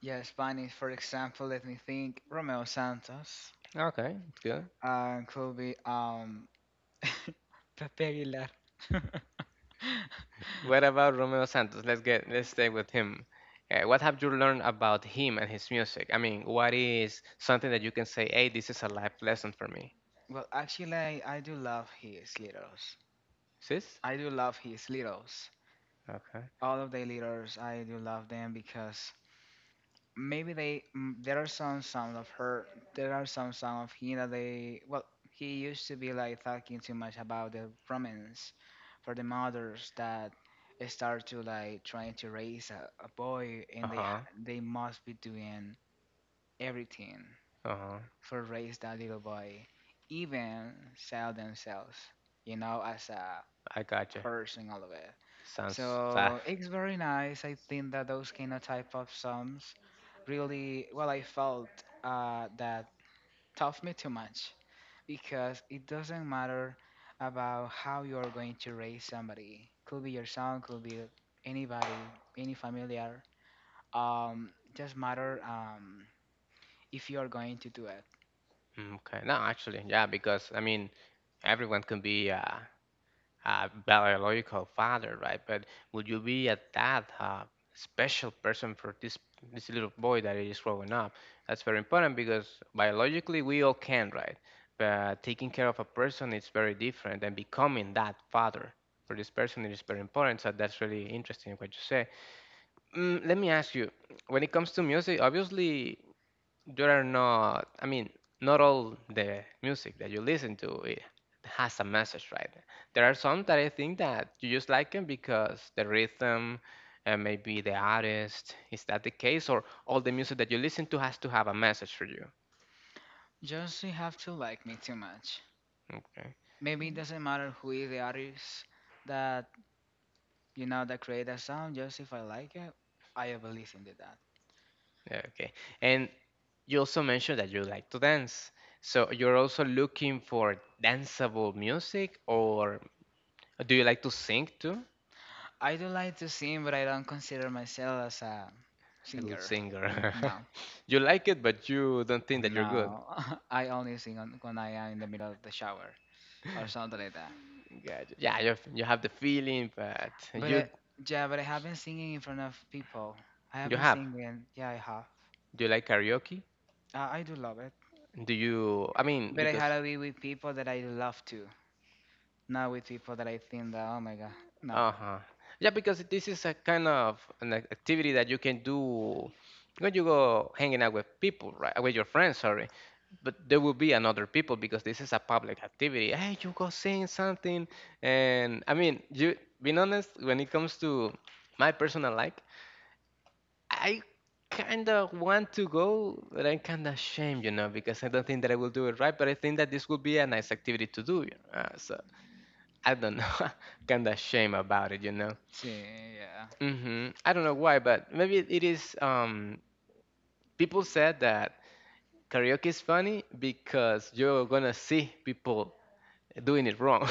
Speaker 2: Yeah, Spanish, for example, let me think. Romeo Santos.
Speaker 1: Okay, it's good.
Speaker 2: Could be Pepe Aguilar.
Speaker 1: What about Romeo Santos? Let's stay with him. What have you learned about him and his music? I mean, what is something that you can say, "Hey, this is a life lesson for me."
Speaker 2: Well, actually, I do love his leaders.
Speaker 1: Sis?
Speaker 2: I do love his leaders.
Speaker 1: Okay.
Speaker 2: All of the leaders, I do love them because maybe they there are some sound of her, there are some sound of him that they, well, he used to be like talking too much about the romance for the mothers that start to like trying to raise a boy, and they
Speaker 1: Uh-huh.
Speaker 2: they must be doing everything
Speaker 1: Uh-huh.
Speaker 2: for raise that little boy, even sell themselves, you know, as a
Speaker 1: I gotcha.
Speaker 2: chorus and all of it.
Speaker 1: Sounds that.
Speaker 2: So it's very nice. I think that those kind of type of songs really, well, I felt that taught me too much because it doesn't matter about how you're going to raise somebody. Could be your son, could be anybody, any familiar. Just matter, if you're going to do it.
Speaker 1: Okay. No, actually, yeah, because I mean, everyone can be biological father, right? But would you be a dad, special person for this little boy that is growing up? That's very important, because biologically we all can, right? But taking care of a person is very different, and becoming that father for this person is very important. So that's really interesting what you say. Let me ask you, when it comes to music, obviously. There are not, I mean, not all the music that you listen to it has a message, right? There are some that I think that you just like them because the rhythm and maybe the artist. Is that the case? Or all the music that you listen to has to have a message for you?
Speaker 2: Just you have to like me too much.
Speaker 1: Okay.
Speaker 2: Maybe it doesn't matter who is the artist, that, you know, the creator sound, just if I like it, I will listen to that.
Speaker 1: Yeah, okay. And you also mentioned that you like to dance. So you're also looking for danceable music, or do you like to sing too?
Speaker 2: I do like to sing, but I don't consider myself as a
Speaker 1: A good
Speaker 2: singer.
Speaker 1: singer.
Speaker 2: No,
Speaker 1: you like it, but you don't think that you're good.
Speaker 2: no. I only sing on, when I am in the middle of the shower or something like that.
Speaker 1: Yeah, you have the feeling, but
Speaker 2: But
Speaker 1: you
Speaker 2: I, yeah, but I have been singing in front of people. I have
Speaker 1: you
Speaker 2: been
Speaker 1: have.
Speaker 2: singing. Yeah, I have.
Speaker 1: Do you like karaoke?
Speaker 2: I do love it.
Speaker 1: Do you? I mean,
Speaker 2: But I
Speaker 1: because
Speaker 2: had to be with people that I love to, not with people that I think that, oh my god, no.
Speaker 1: uh-huh, yeah, because this is a kind of an activity that you can do when you go hanging out with people, right? With your friends, sorry. But there will be another people because this is a public activity. Hey, you go sing something, and I mean, you being honest, when it comes to my personal life, I kind of want to go, but I'm kind of ashamed, because I don't think that I will do it right. But I think that this would be a nice activity to do. You know? So I don't know, kind of shame about it.
Speaker 2: See, yeah.
Speaker 1: I don't know why, but maybe it is. People said that karaoke is funny because you're gonna see people doing it wrong.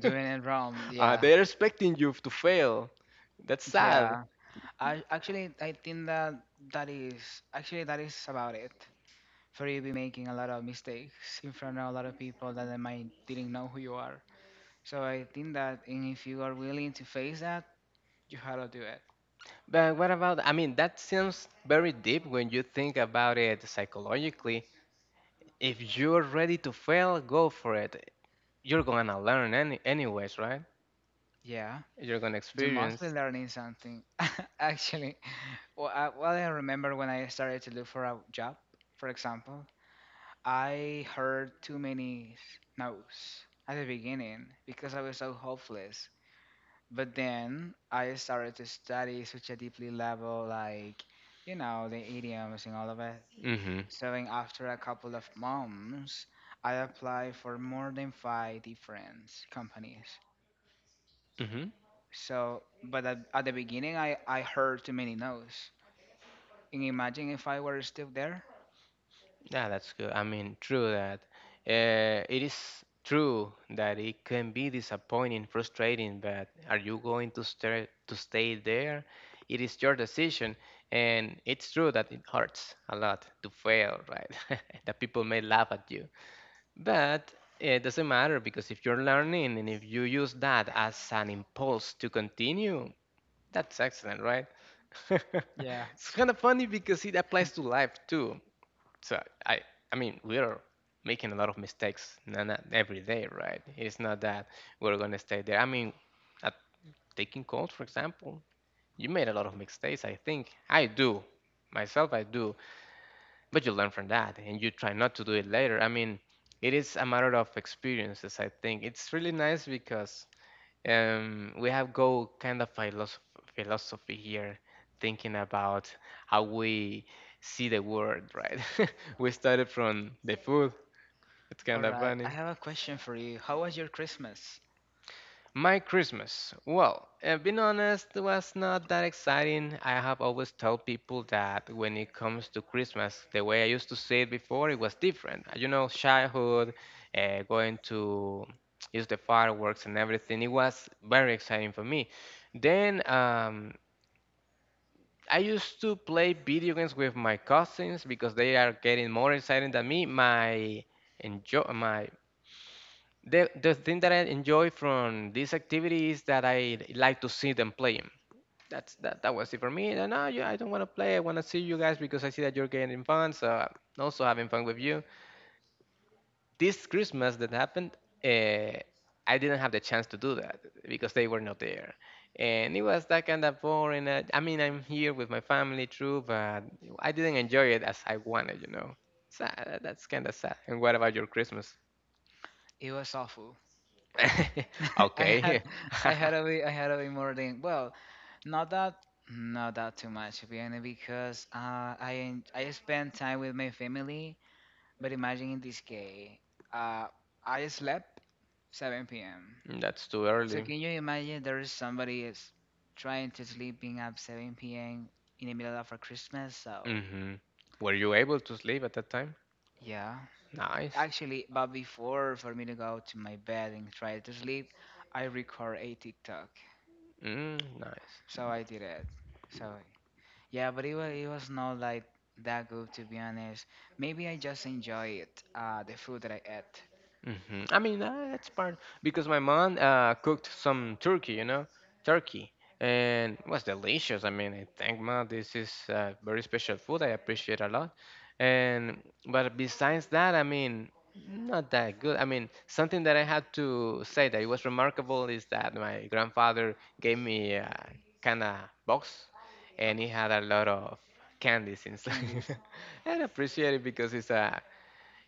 Speaker 2: Doing it wrong, yeah.
Speaker 1: They're expecting you to fail. That's sad.
Speaker 2: Yeah, I actually I think that that is actually that is about it. For you be making a lot of mistakes in front of a lot of people that they might didn't know who you are. So I think that, and if you are willing to face that, you have to do it.
Speaker 1: But what about, I mean, that seems very deep when you think about it psychologically. If you're ready to fail, go for it. You're gonna learn anyways, right?
Speaker 2: Yeah,
Speaker 1: You're gonna
Speaker 2: you must be
Speaker 1: experience.
Speaker 2: learning something. Actually, well, I remember when I started to look for a job, for example, I heard too many no's at the beginning because I was so hopeless. But then I started to study such a deeply level, like, you know, the idioms and all of it.
Speaker 1: Mm-hmm.
Speaker 2: So then after a couple of months, I applied for more than five different companies.
Speaker 1: Mm-hmm.
Speaker 2: So, but at the beginning, I heard too many no's. Can you imagine if I were still there?
Speaker 1: Yeah, that's good. I mean, true that. It is true that it can be disappointing, frustrating, but are you going to stay there? It is your decision, and it's true that it hurts a lot to fail, right? That people may laugh at. But it doesn't matter, because if you're learning and if you use that as an impulse to continue, that's excellent, right?
Speaker 2: Yeah,
Speaker 1: It's kind of funny because it applies to life too. So I mean, we're making a lot of mistakes not every day, right? It's not that we're gonna stay there. I mean, at taking calls, for example, you made a lot of mistakes. I think I do, myself, I do, but you learn from that, and you try not to do it later. I mean, it is a matter of experiences. I think it's really nice because we have go kind of philosophy here, thinking about how we see the world, right? we started from the food. It's
Speaker 2: all
Speaker 1: kind of
Speaker 2: right. I
Speaker 1: funny.
Speaker 2: have a question for you. How was your Christmas?
Speaker 1: My Christmas. Well, being honest, it was not that exciting. I have always told people that when it comes to Christmas, the way I used to see it before, it was different. Childhood, going to use the fireworks and everything, it was very exciting for me. Then I used to play video games with my cousins because they are getting more exciting than me. My enjoy my the thing that I enjoy from this activity is that I like to see them playing. That was it for me. And no, yeah, I don't want to play. I want to see you guys because I see that you're getting fun. So I'm also having fun with you. This Christmas that happened, uh, I didn't have the chance to do that because they were not there, and it was that kind of boring. I mean, I'm here with my family, true, but I didn't enjoy it as I wanted. So that's kind of sad. And what about your Christmas?
Speaker 2: It was awful. I had
Speaker 1: Okay.
Speaker 2: I had a way I had a way more than well. Not that, not that too much, to be honest, because I I spend time with my family. But imagine in this case, uh, I slept 7 p.m.
Speaker 1: That's too
Speaker 2: So
Speaker 1: early.
Speaker 2: can you imagine there is somebody is trying to sleeping at 7 p.m. in the middle of a Christmas? So
Speaker 1: Hmm. Were you able to sleep at that time?
Speaker 2: yeah,
Speaker 1: Nice.
Speaker 2: actually, but before for me to go to my bed and try to sleep, I record a TikTok.
Speaker 1: Mm, nice.
Speaker 2: So I did it. So yeah, but it was not like that good, to be honest. Maybe I just enjoy it, the food that I ate,
Speaker 1: Hmm. I mean, that's part because my mom cooked some turkey, you know, turkey, and it was delicious. I mean, I thank mom. This is a very special food. I appreciate a lot. And but besides that, I mean, not that good. I mean, something that I had to say that it was remarkable is that my grandfather gave me a kind of box, and
Speaker 2: but
Speaker 1: he had a lot of candies inside.
Speaker 2: candies.
Speaker 1: And I appreciate it because it's a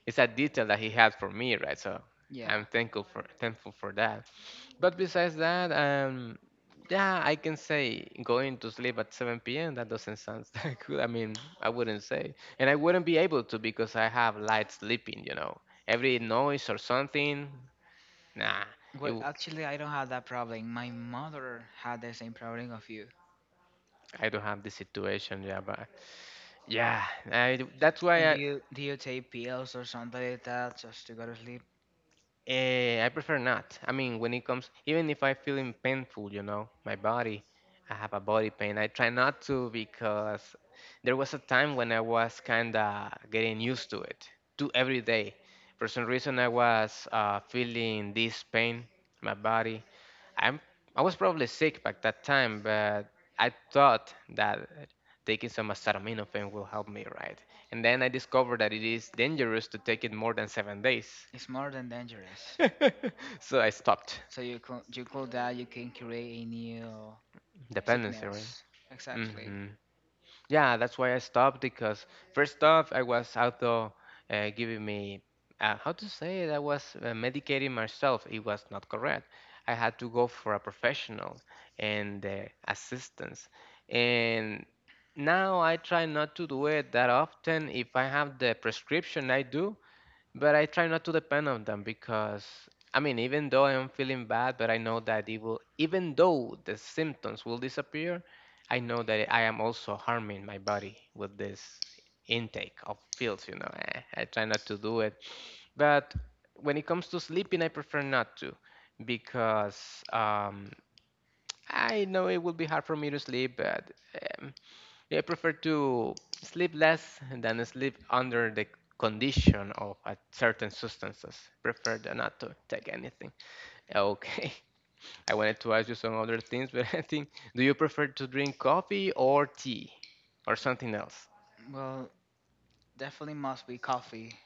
Speaker 1: it's a detail that he had for me, right? So
Speaker 2: Yeah.
Speaker 1: I'm thankful for that. But besides that, yeah, I can say going to sleep at 7 p.m. That doesn't sound that good. I mean, I wouldn't say, and I wouldn't be able to because I have light sleeping. You know, every noise or something, nah, it,
Speaker 2: Well, actually, I don't have that problem. My mother had the same problem of you.
Speaker 1: I don't have this situation. Yeah, but yeah, I, that's
Speaker 2: And
Speaker 1: why
Speaker 2: do
Speaker 1: I
Speaker 2: you do you take pills or something like that just to go to sleep?
Speaker 1: I prefer not. I mean, when it comes, even if I feeling painful, you know, my body, I have a body pain. I try not to because there was a time when I was kinda getting used to it, to every day. For some reason, I was feeling this pain, my body. I'm, I was probably sick back that time, but I thought that taking some acetaminophen will help me, right? And then I discovered that it is dangerous to take it more than 7 days.
Speaker 2: It's more than dangerous.
Speaker 1: So I stopped
Speaker 2: So you call that you can create a new
Speaker 1: dependency, right?
Speaker 2: sickness. Exactly.
Speaker 1: Hmm. Yeah, that's why I stopped because first off, I was auto giving me how to say it. I was medicating myself. It was not correct. I had to go for a professional and assistance. And now I try not to do it that often. If I have the prescription, I do. But I try not to depend on them because, I mean, even though I'm feeling bad, but I know that it will, even though the symptoms will disappear, I know that I am also harming my body with this intake of pills, I try not to do it. But when it comes to sleeping, I prefer not to because um, I know it will be hard for me to sleep, but um, yeah, I prefer to sleep less than sleep under the condition of a certain substances. Prefer than not to take anything. Okay. I wanted to ask you some other things, but I think, do you prefer to drink coffee or tea or something else?
Speaker 2: Well, definitely must be coffee.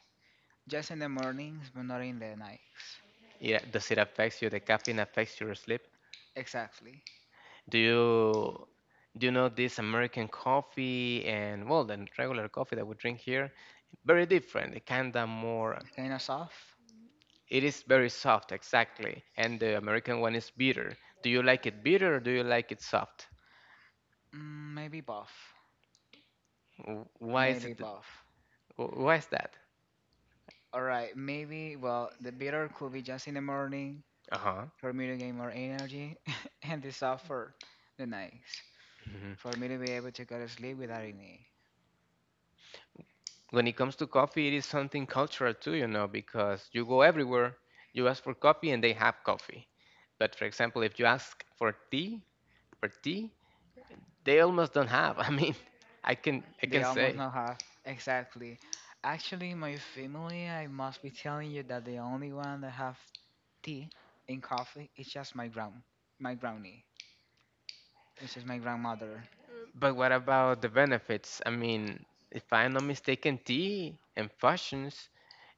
Speaker 2: Just in the mornings, but not in the nights.
Speaker 1: Yeah, does it affect you? The caffeine affects your sleep?
Speaker 2: Exactly.
Speaker 1: Do you do you know this American coffee and well, the regular coffee that we drink here? Very different. It kinda more.
Speaker 2: Kind of soft?
Speaker 1: It is very soft, exactly. And the American one is bitter. Do you like it bitter or do you like it soft?
Speaker 2: Maybe buff.
Speaker 1: Why is
Speaker 2: Maybe
Speaker 1: it?
Speaker 2: buff.
Speaker 1: Why is that?
Speaker 2: All right, maybe, well, the bitter could be just in the morning
Speaker 1: Uh-huh.
Speaker 2: for me to gain more energy, and the soft for the nights
Speaker 1: Mhm.
Speaker 2: for me to be able to go to sleep without any.
Speaker 1: When it comes to coffee, it is something cultural too, you know, because you go everywhere, you ask for coffee and they have coffee. But for example, if you ask for tea, for tea, they almost don't have. I mean, I can
Speaker 2: They almost
Speaker 1: say.
Speaker 2: not have, exactly. Actually, my family, I must be telling you that the only one that have tea and coffee is just my grand, my granny, which is my grandmother.
Speaker 1: But what about the benefits? I mean, if I'm not mistaken, tea and fashions,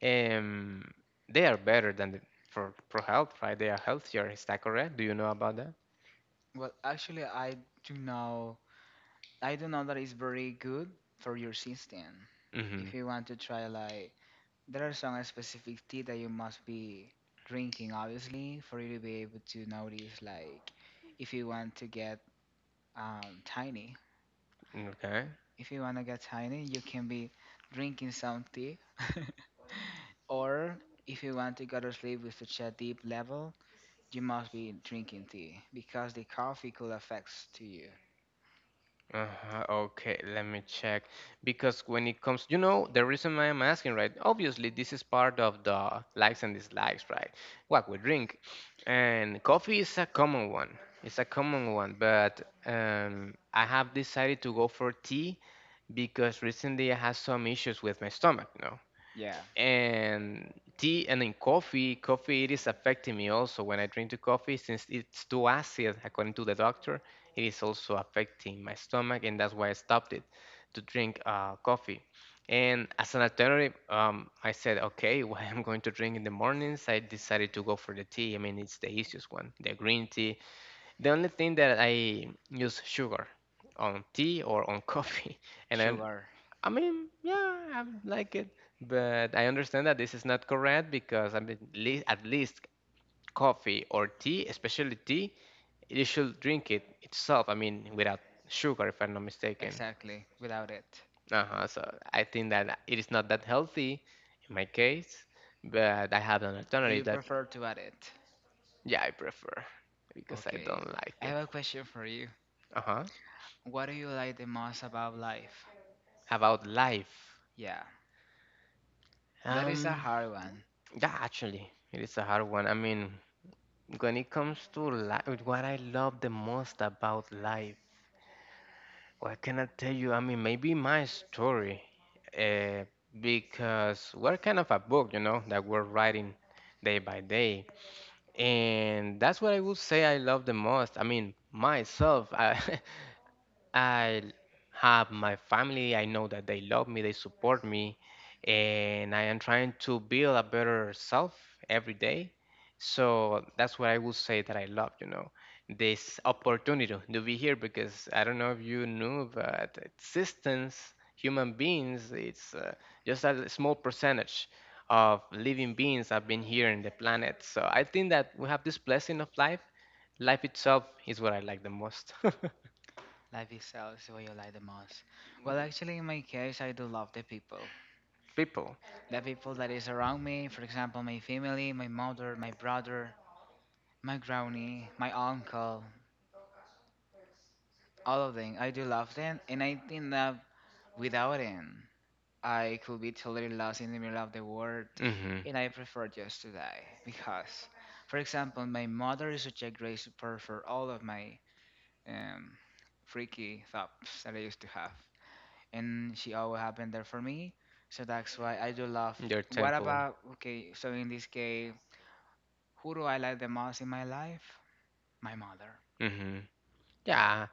Speaker 1: um, they are better than the, for health, right? They are healthier. Is that correct? Do you know about that?
Speaker 2: Well, actually, do know I do know that it's very good for your system.
Speaker 1: Mm-hmm.
Speaker 2: If you want to try, like, there are some specific tea that you must be drinking, obviously, for you to be able to notice, like, if you want to get tiny.
Speaker 1: Okay.
Speaker 2: If you want to get tiny, you can be drinking some tea. Or if you want to go to sleep with such a deep level, you must be drinking tea because the coffee could affect to you.
Speaker 1: Uh-huh, okay, let me check. Because when it comes, you know, the reason why I'm asking, right? Obviously, this is part of the likes and dislikes, right? What we drink. And coffee is a common one. It's a common one, but I have decided to go for tea because recently I had some issues with my stomach, no?
Speaker 2: Yeah,
Speaker 1: And tea and in coffee it is affecting me also when I drink the coffee since it's too acid. According to the doctor, it is also affecting my stomach, and that's why I stopped it to drink coffee. And as an alternative, I said, okay, what I'm going to drink in the mornings. I decided to go for the tea. I mean, it's the easiest one, the green tea. The only thing that I use sugar on tea or on coffee. and I,
Speaker 2: sugar,
Speaker 1: I mean, yeah, I like it, but I understand that this is not correct because I mean, le at least coffee or tea, especially tea, you should drink it itself. I mean, without sugar, if I'm not mistaken.
Speaker 2: exactly, without it.
Speaker 1: Uh-huh. So I think that it is not that healthy in my case, but I have an
Speaker 2: Do
Speaker 1: alternative
Speaker 2: you
Speaker 1: that,
Speaker 2: prefer to add it?
Speaker 1: yeah, I prefer because I
Speaker 2: Okay.
Speaker 1: don't like
Speaker 2: I
Speaker 1: it.
Speaker 2: have a question for you.
Speaker 1: Uh-huh.
Speaker 2: What do you like the most about life?
Speaker 1: About life.
Speaker 2: Yeah, that is a
Speaker 1: Um,
Speaker 2: hard one.
Speaker 1: yeah, actually, it is a hard one. I mean, when it comes to life, what I love the most about life, what can I tell you? I mean, maybe my story, uh, because we're kind of a book, you know, that we're writing day by day. And that's what I would say I love the most. I mean, myself. I, I have my family. I know that they love me, they support me, and I am trying to build a better self every day. So that's what I would say that I love, you know, this opportunity to be here because I don't know if you knew, but existence, human beings, it's just a small percentage of living beings have been here in the planet. So I think that we have this blessing of life. Life itself is what I like the most.
Speaker 2: Life itself is what you like the most. Well, actually, in my case, I do love the people.
Speaker 1: People.
Speaker 2: The people that is around me, for example, my family, my mother, my brother, my granny, my uncle, all of them. I do love them, and I think that without them, I could be totally lost in the middle of the world,
Speaker 1: Hmm.
Speaker 2: and I prefer just to die. Because, for example, my mother is such a great support for all of my um, freaky thoughts that I used to have, and she always happened there for me. So that's why I do love.
Speaker 1: Your
Speaker 2: What
Speaker 1: temple.
Speaker 2: about okay? So in this case, who do I like the most in my life? My mother.
Speaker 1: Hmm.
Speaker 2: Yeah,
Speaker 1: Yeah.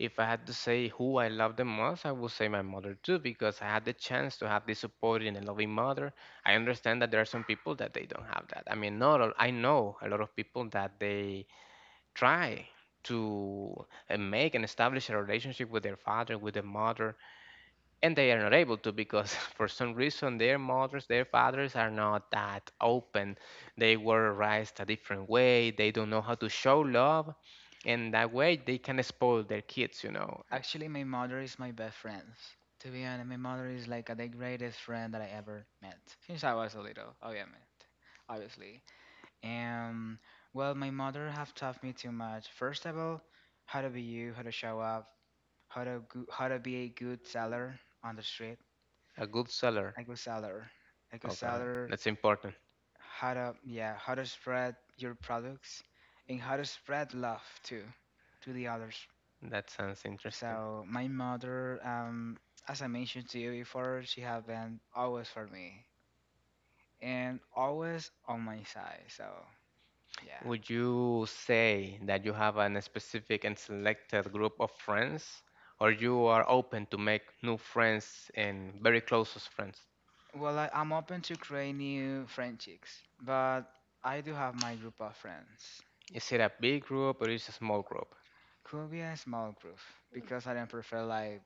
Speaker 1: If I had to say who I love the most, I would say my mother too, because I had the chance to have this supporting and loving mother. I understand that there are some people that they don't have that. I mean, not all, I know a lot of people that they try to make and establish a relationship with their father, with their mother, and they are not able to because for some reason their mothers, their fathers are not that open. They were raised a different way. They don't know how to show love, and that way they can spoil their kids, you know.
Speaker 2: actually, my mother is my best friend. To be honest, my mother is like the greatest friend that I ever met since I was a little, obviously. Obviously, and well, my mother have taught me too much. First of all, how to be you, how to show up, how to be a good seller on the street,
Speaker 1: A good seller.
Speaker 2: a good seller, a good
Speaker 1: Okay,
Speaker 2: seller.
Speaker 1: that's important.
Speaker 2: How to, yeah, how to spread your products, and how to spread love too to the others.
Speaker 1: That sounds interesting.
Speaker 2: So my mother, as I mentioned to you before, she has been always for me and always on my side. So yeah.
Speaker 1: Would you say that you have an specific and selected group of friends, or you are open to make new friends and very closest friends?
Speaker 2: Well, I'm open to create new friendships, but I do have my group of friends.
Speaker 1: Is it a big group or is it a small group?
Speaker 2: Could be a small group because I don't prefer like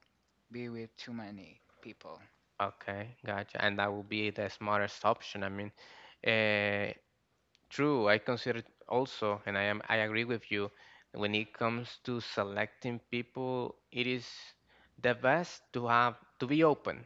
Speaker 2: be with too many people.
Speaker 1: Okay, gotcha. And that would be the smartest option. I mean, uh, true, I consider also, and I agree with you. When it comes to selecting people, it is the best to be open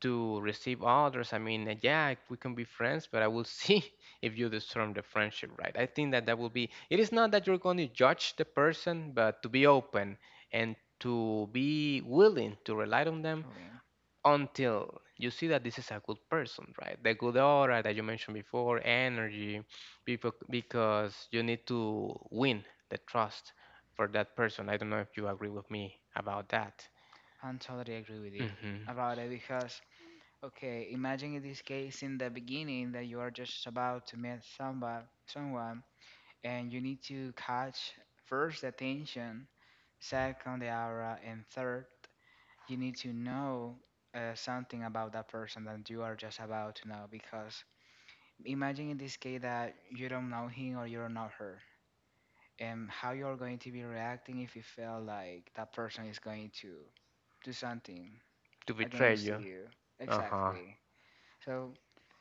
Speaker 1: to receive others. I mean, yeah, we can be friends, but I will see if you disturb the friendship, right? I think that that will be. It is not that you're going to judge the person, but to be open and to be willing to rely on them
Speaker 2: Lynn.
Speaker 1: until you see that this is a good person, right? The good aura that you mentioned before, energy, people, because you need to win the trust for that person. I don't know if you agree with me about that.
Speaker 2: I totally agree with you
Speaker 1: Hmm.
Speaker 2: about it because okay, imagine in this case in the beginning that you are just about to meet somebody, someone, and you need to catch first the attention, second the aura, and third you need to know something about that person that you are just about to know. Because imagine in this case that you don't know him or you don't know her, and how you're going to be reacting if you feel like that person is going to do something
Speaker 1: To betray
Speaker 2: against
Speaker 1: you.
Speaker 2: you.
Speaker 1: Uh huh.
Speaker 2: Exactly. So.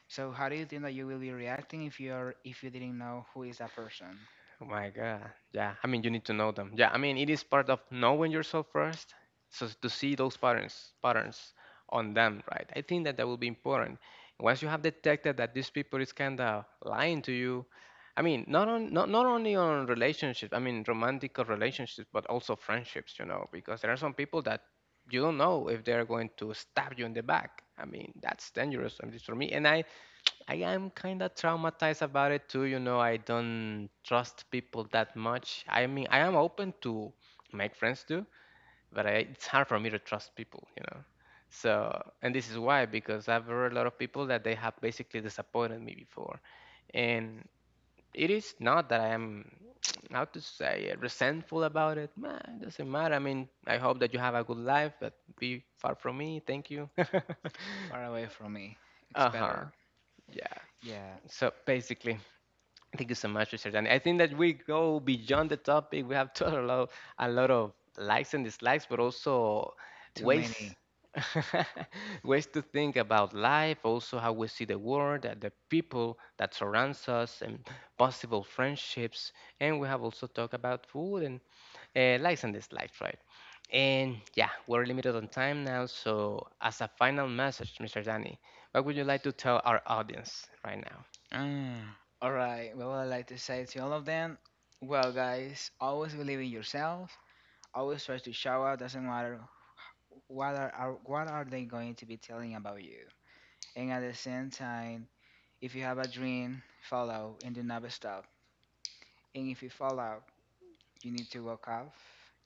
Speaker 2: So how do you think that you will be reacting if you're if you didn't know who is that person?
Speaker 1: Oh my God. Yeah. I mean, you need to know them. Yeah. I mean, it is part of knowing yourself first. So to see those patterns, on them, right? I think that that will be important. Once you have detected that these people is kind of lying to you, I mean, not on not only on relationships, I mean, romantic relationships, but also friendships, you know, because there are some people that you don't know if they're going to stab you in the back. I mean, that's dangerous at least for me. And I am kind of traumatized about it too. You know, I don't trust people that much. I mean, I am open to make friends too, but I, it's hard for me to trust people, you know. So, and this is why, because I've heard a lot of people that they have basically disappointed me before. And it is not that I am, how to say, it, resentful about it. Man, it doesn't matter. I mean, I hope that you have a good life, but be far from me. Thank you.
Speaker 2: Far away from me. It's
Speaker 1: Uh-huh.
Speaker 2: better.
Speaker 1: Yeah.
Speaker 2: Yeah,
Speaker 1: So basically. Thank you so much, Mr. Danny. I think that we go beyond the topic. We have talked a lot of likes and dislikes, but also
Speaker 2: too
Speaker 1: ways,
Speaker 2: many.
Speaker 1: ways to think about life, also how we see the world, the people that surrounds us, and possible friendships. And we have also talked about food and likes and dislikes, right? And yeah, we're limited on time now. So, as a final message, Mr. Danny, what would you like to tell our audience right now?
Speaker 2: Ah, all right. Well, I'd like to say to all of them, well, guys, always believe in yourself. Always try to show up. Doesn't matter what are what are they going to be telling about you. And at the same time, if you have a dream, follow and do not stop. And if you fall out, you need to walk up,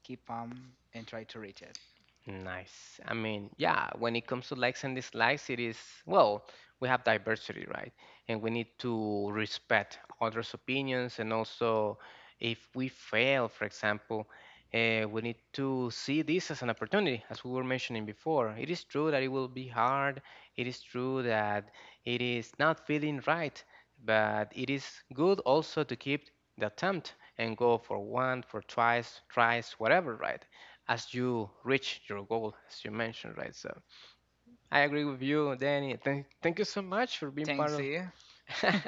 Speaker 2: keep on, and try to reach it.
Speaker 1: Nice. I mean, yeah, when it comes to likes and dislikes, it is, well, we have diversity, right? And we need to respect others' opinions. And also, if we fail, for example, we need to see this as an opportunity, as we were mentioning before. It is true that it will be hard. It is true that it is not feeling right, but it is good also to keep the attempt and go for one, for twice, thrice, whatever, right? As you reach your goal, as you mentioned, right? So I agree with you, Danny. Thank you so much for being part
Speaker 2: Thanks to
Speaker 1: of.
Speaker 2: you,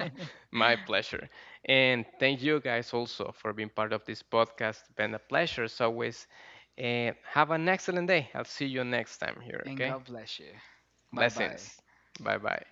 Speaker 1: My pleasure. And thank you guys also for being part of this podcast. Been a pleasure as always. And have an excellent day. I'll see you next time here,
Speaker 2: and
Speaker 1: okay?
Speaker 2: God bless you. Bye bye.
Speaker 1: Blessings. Bye bye.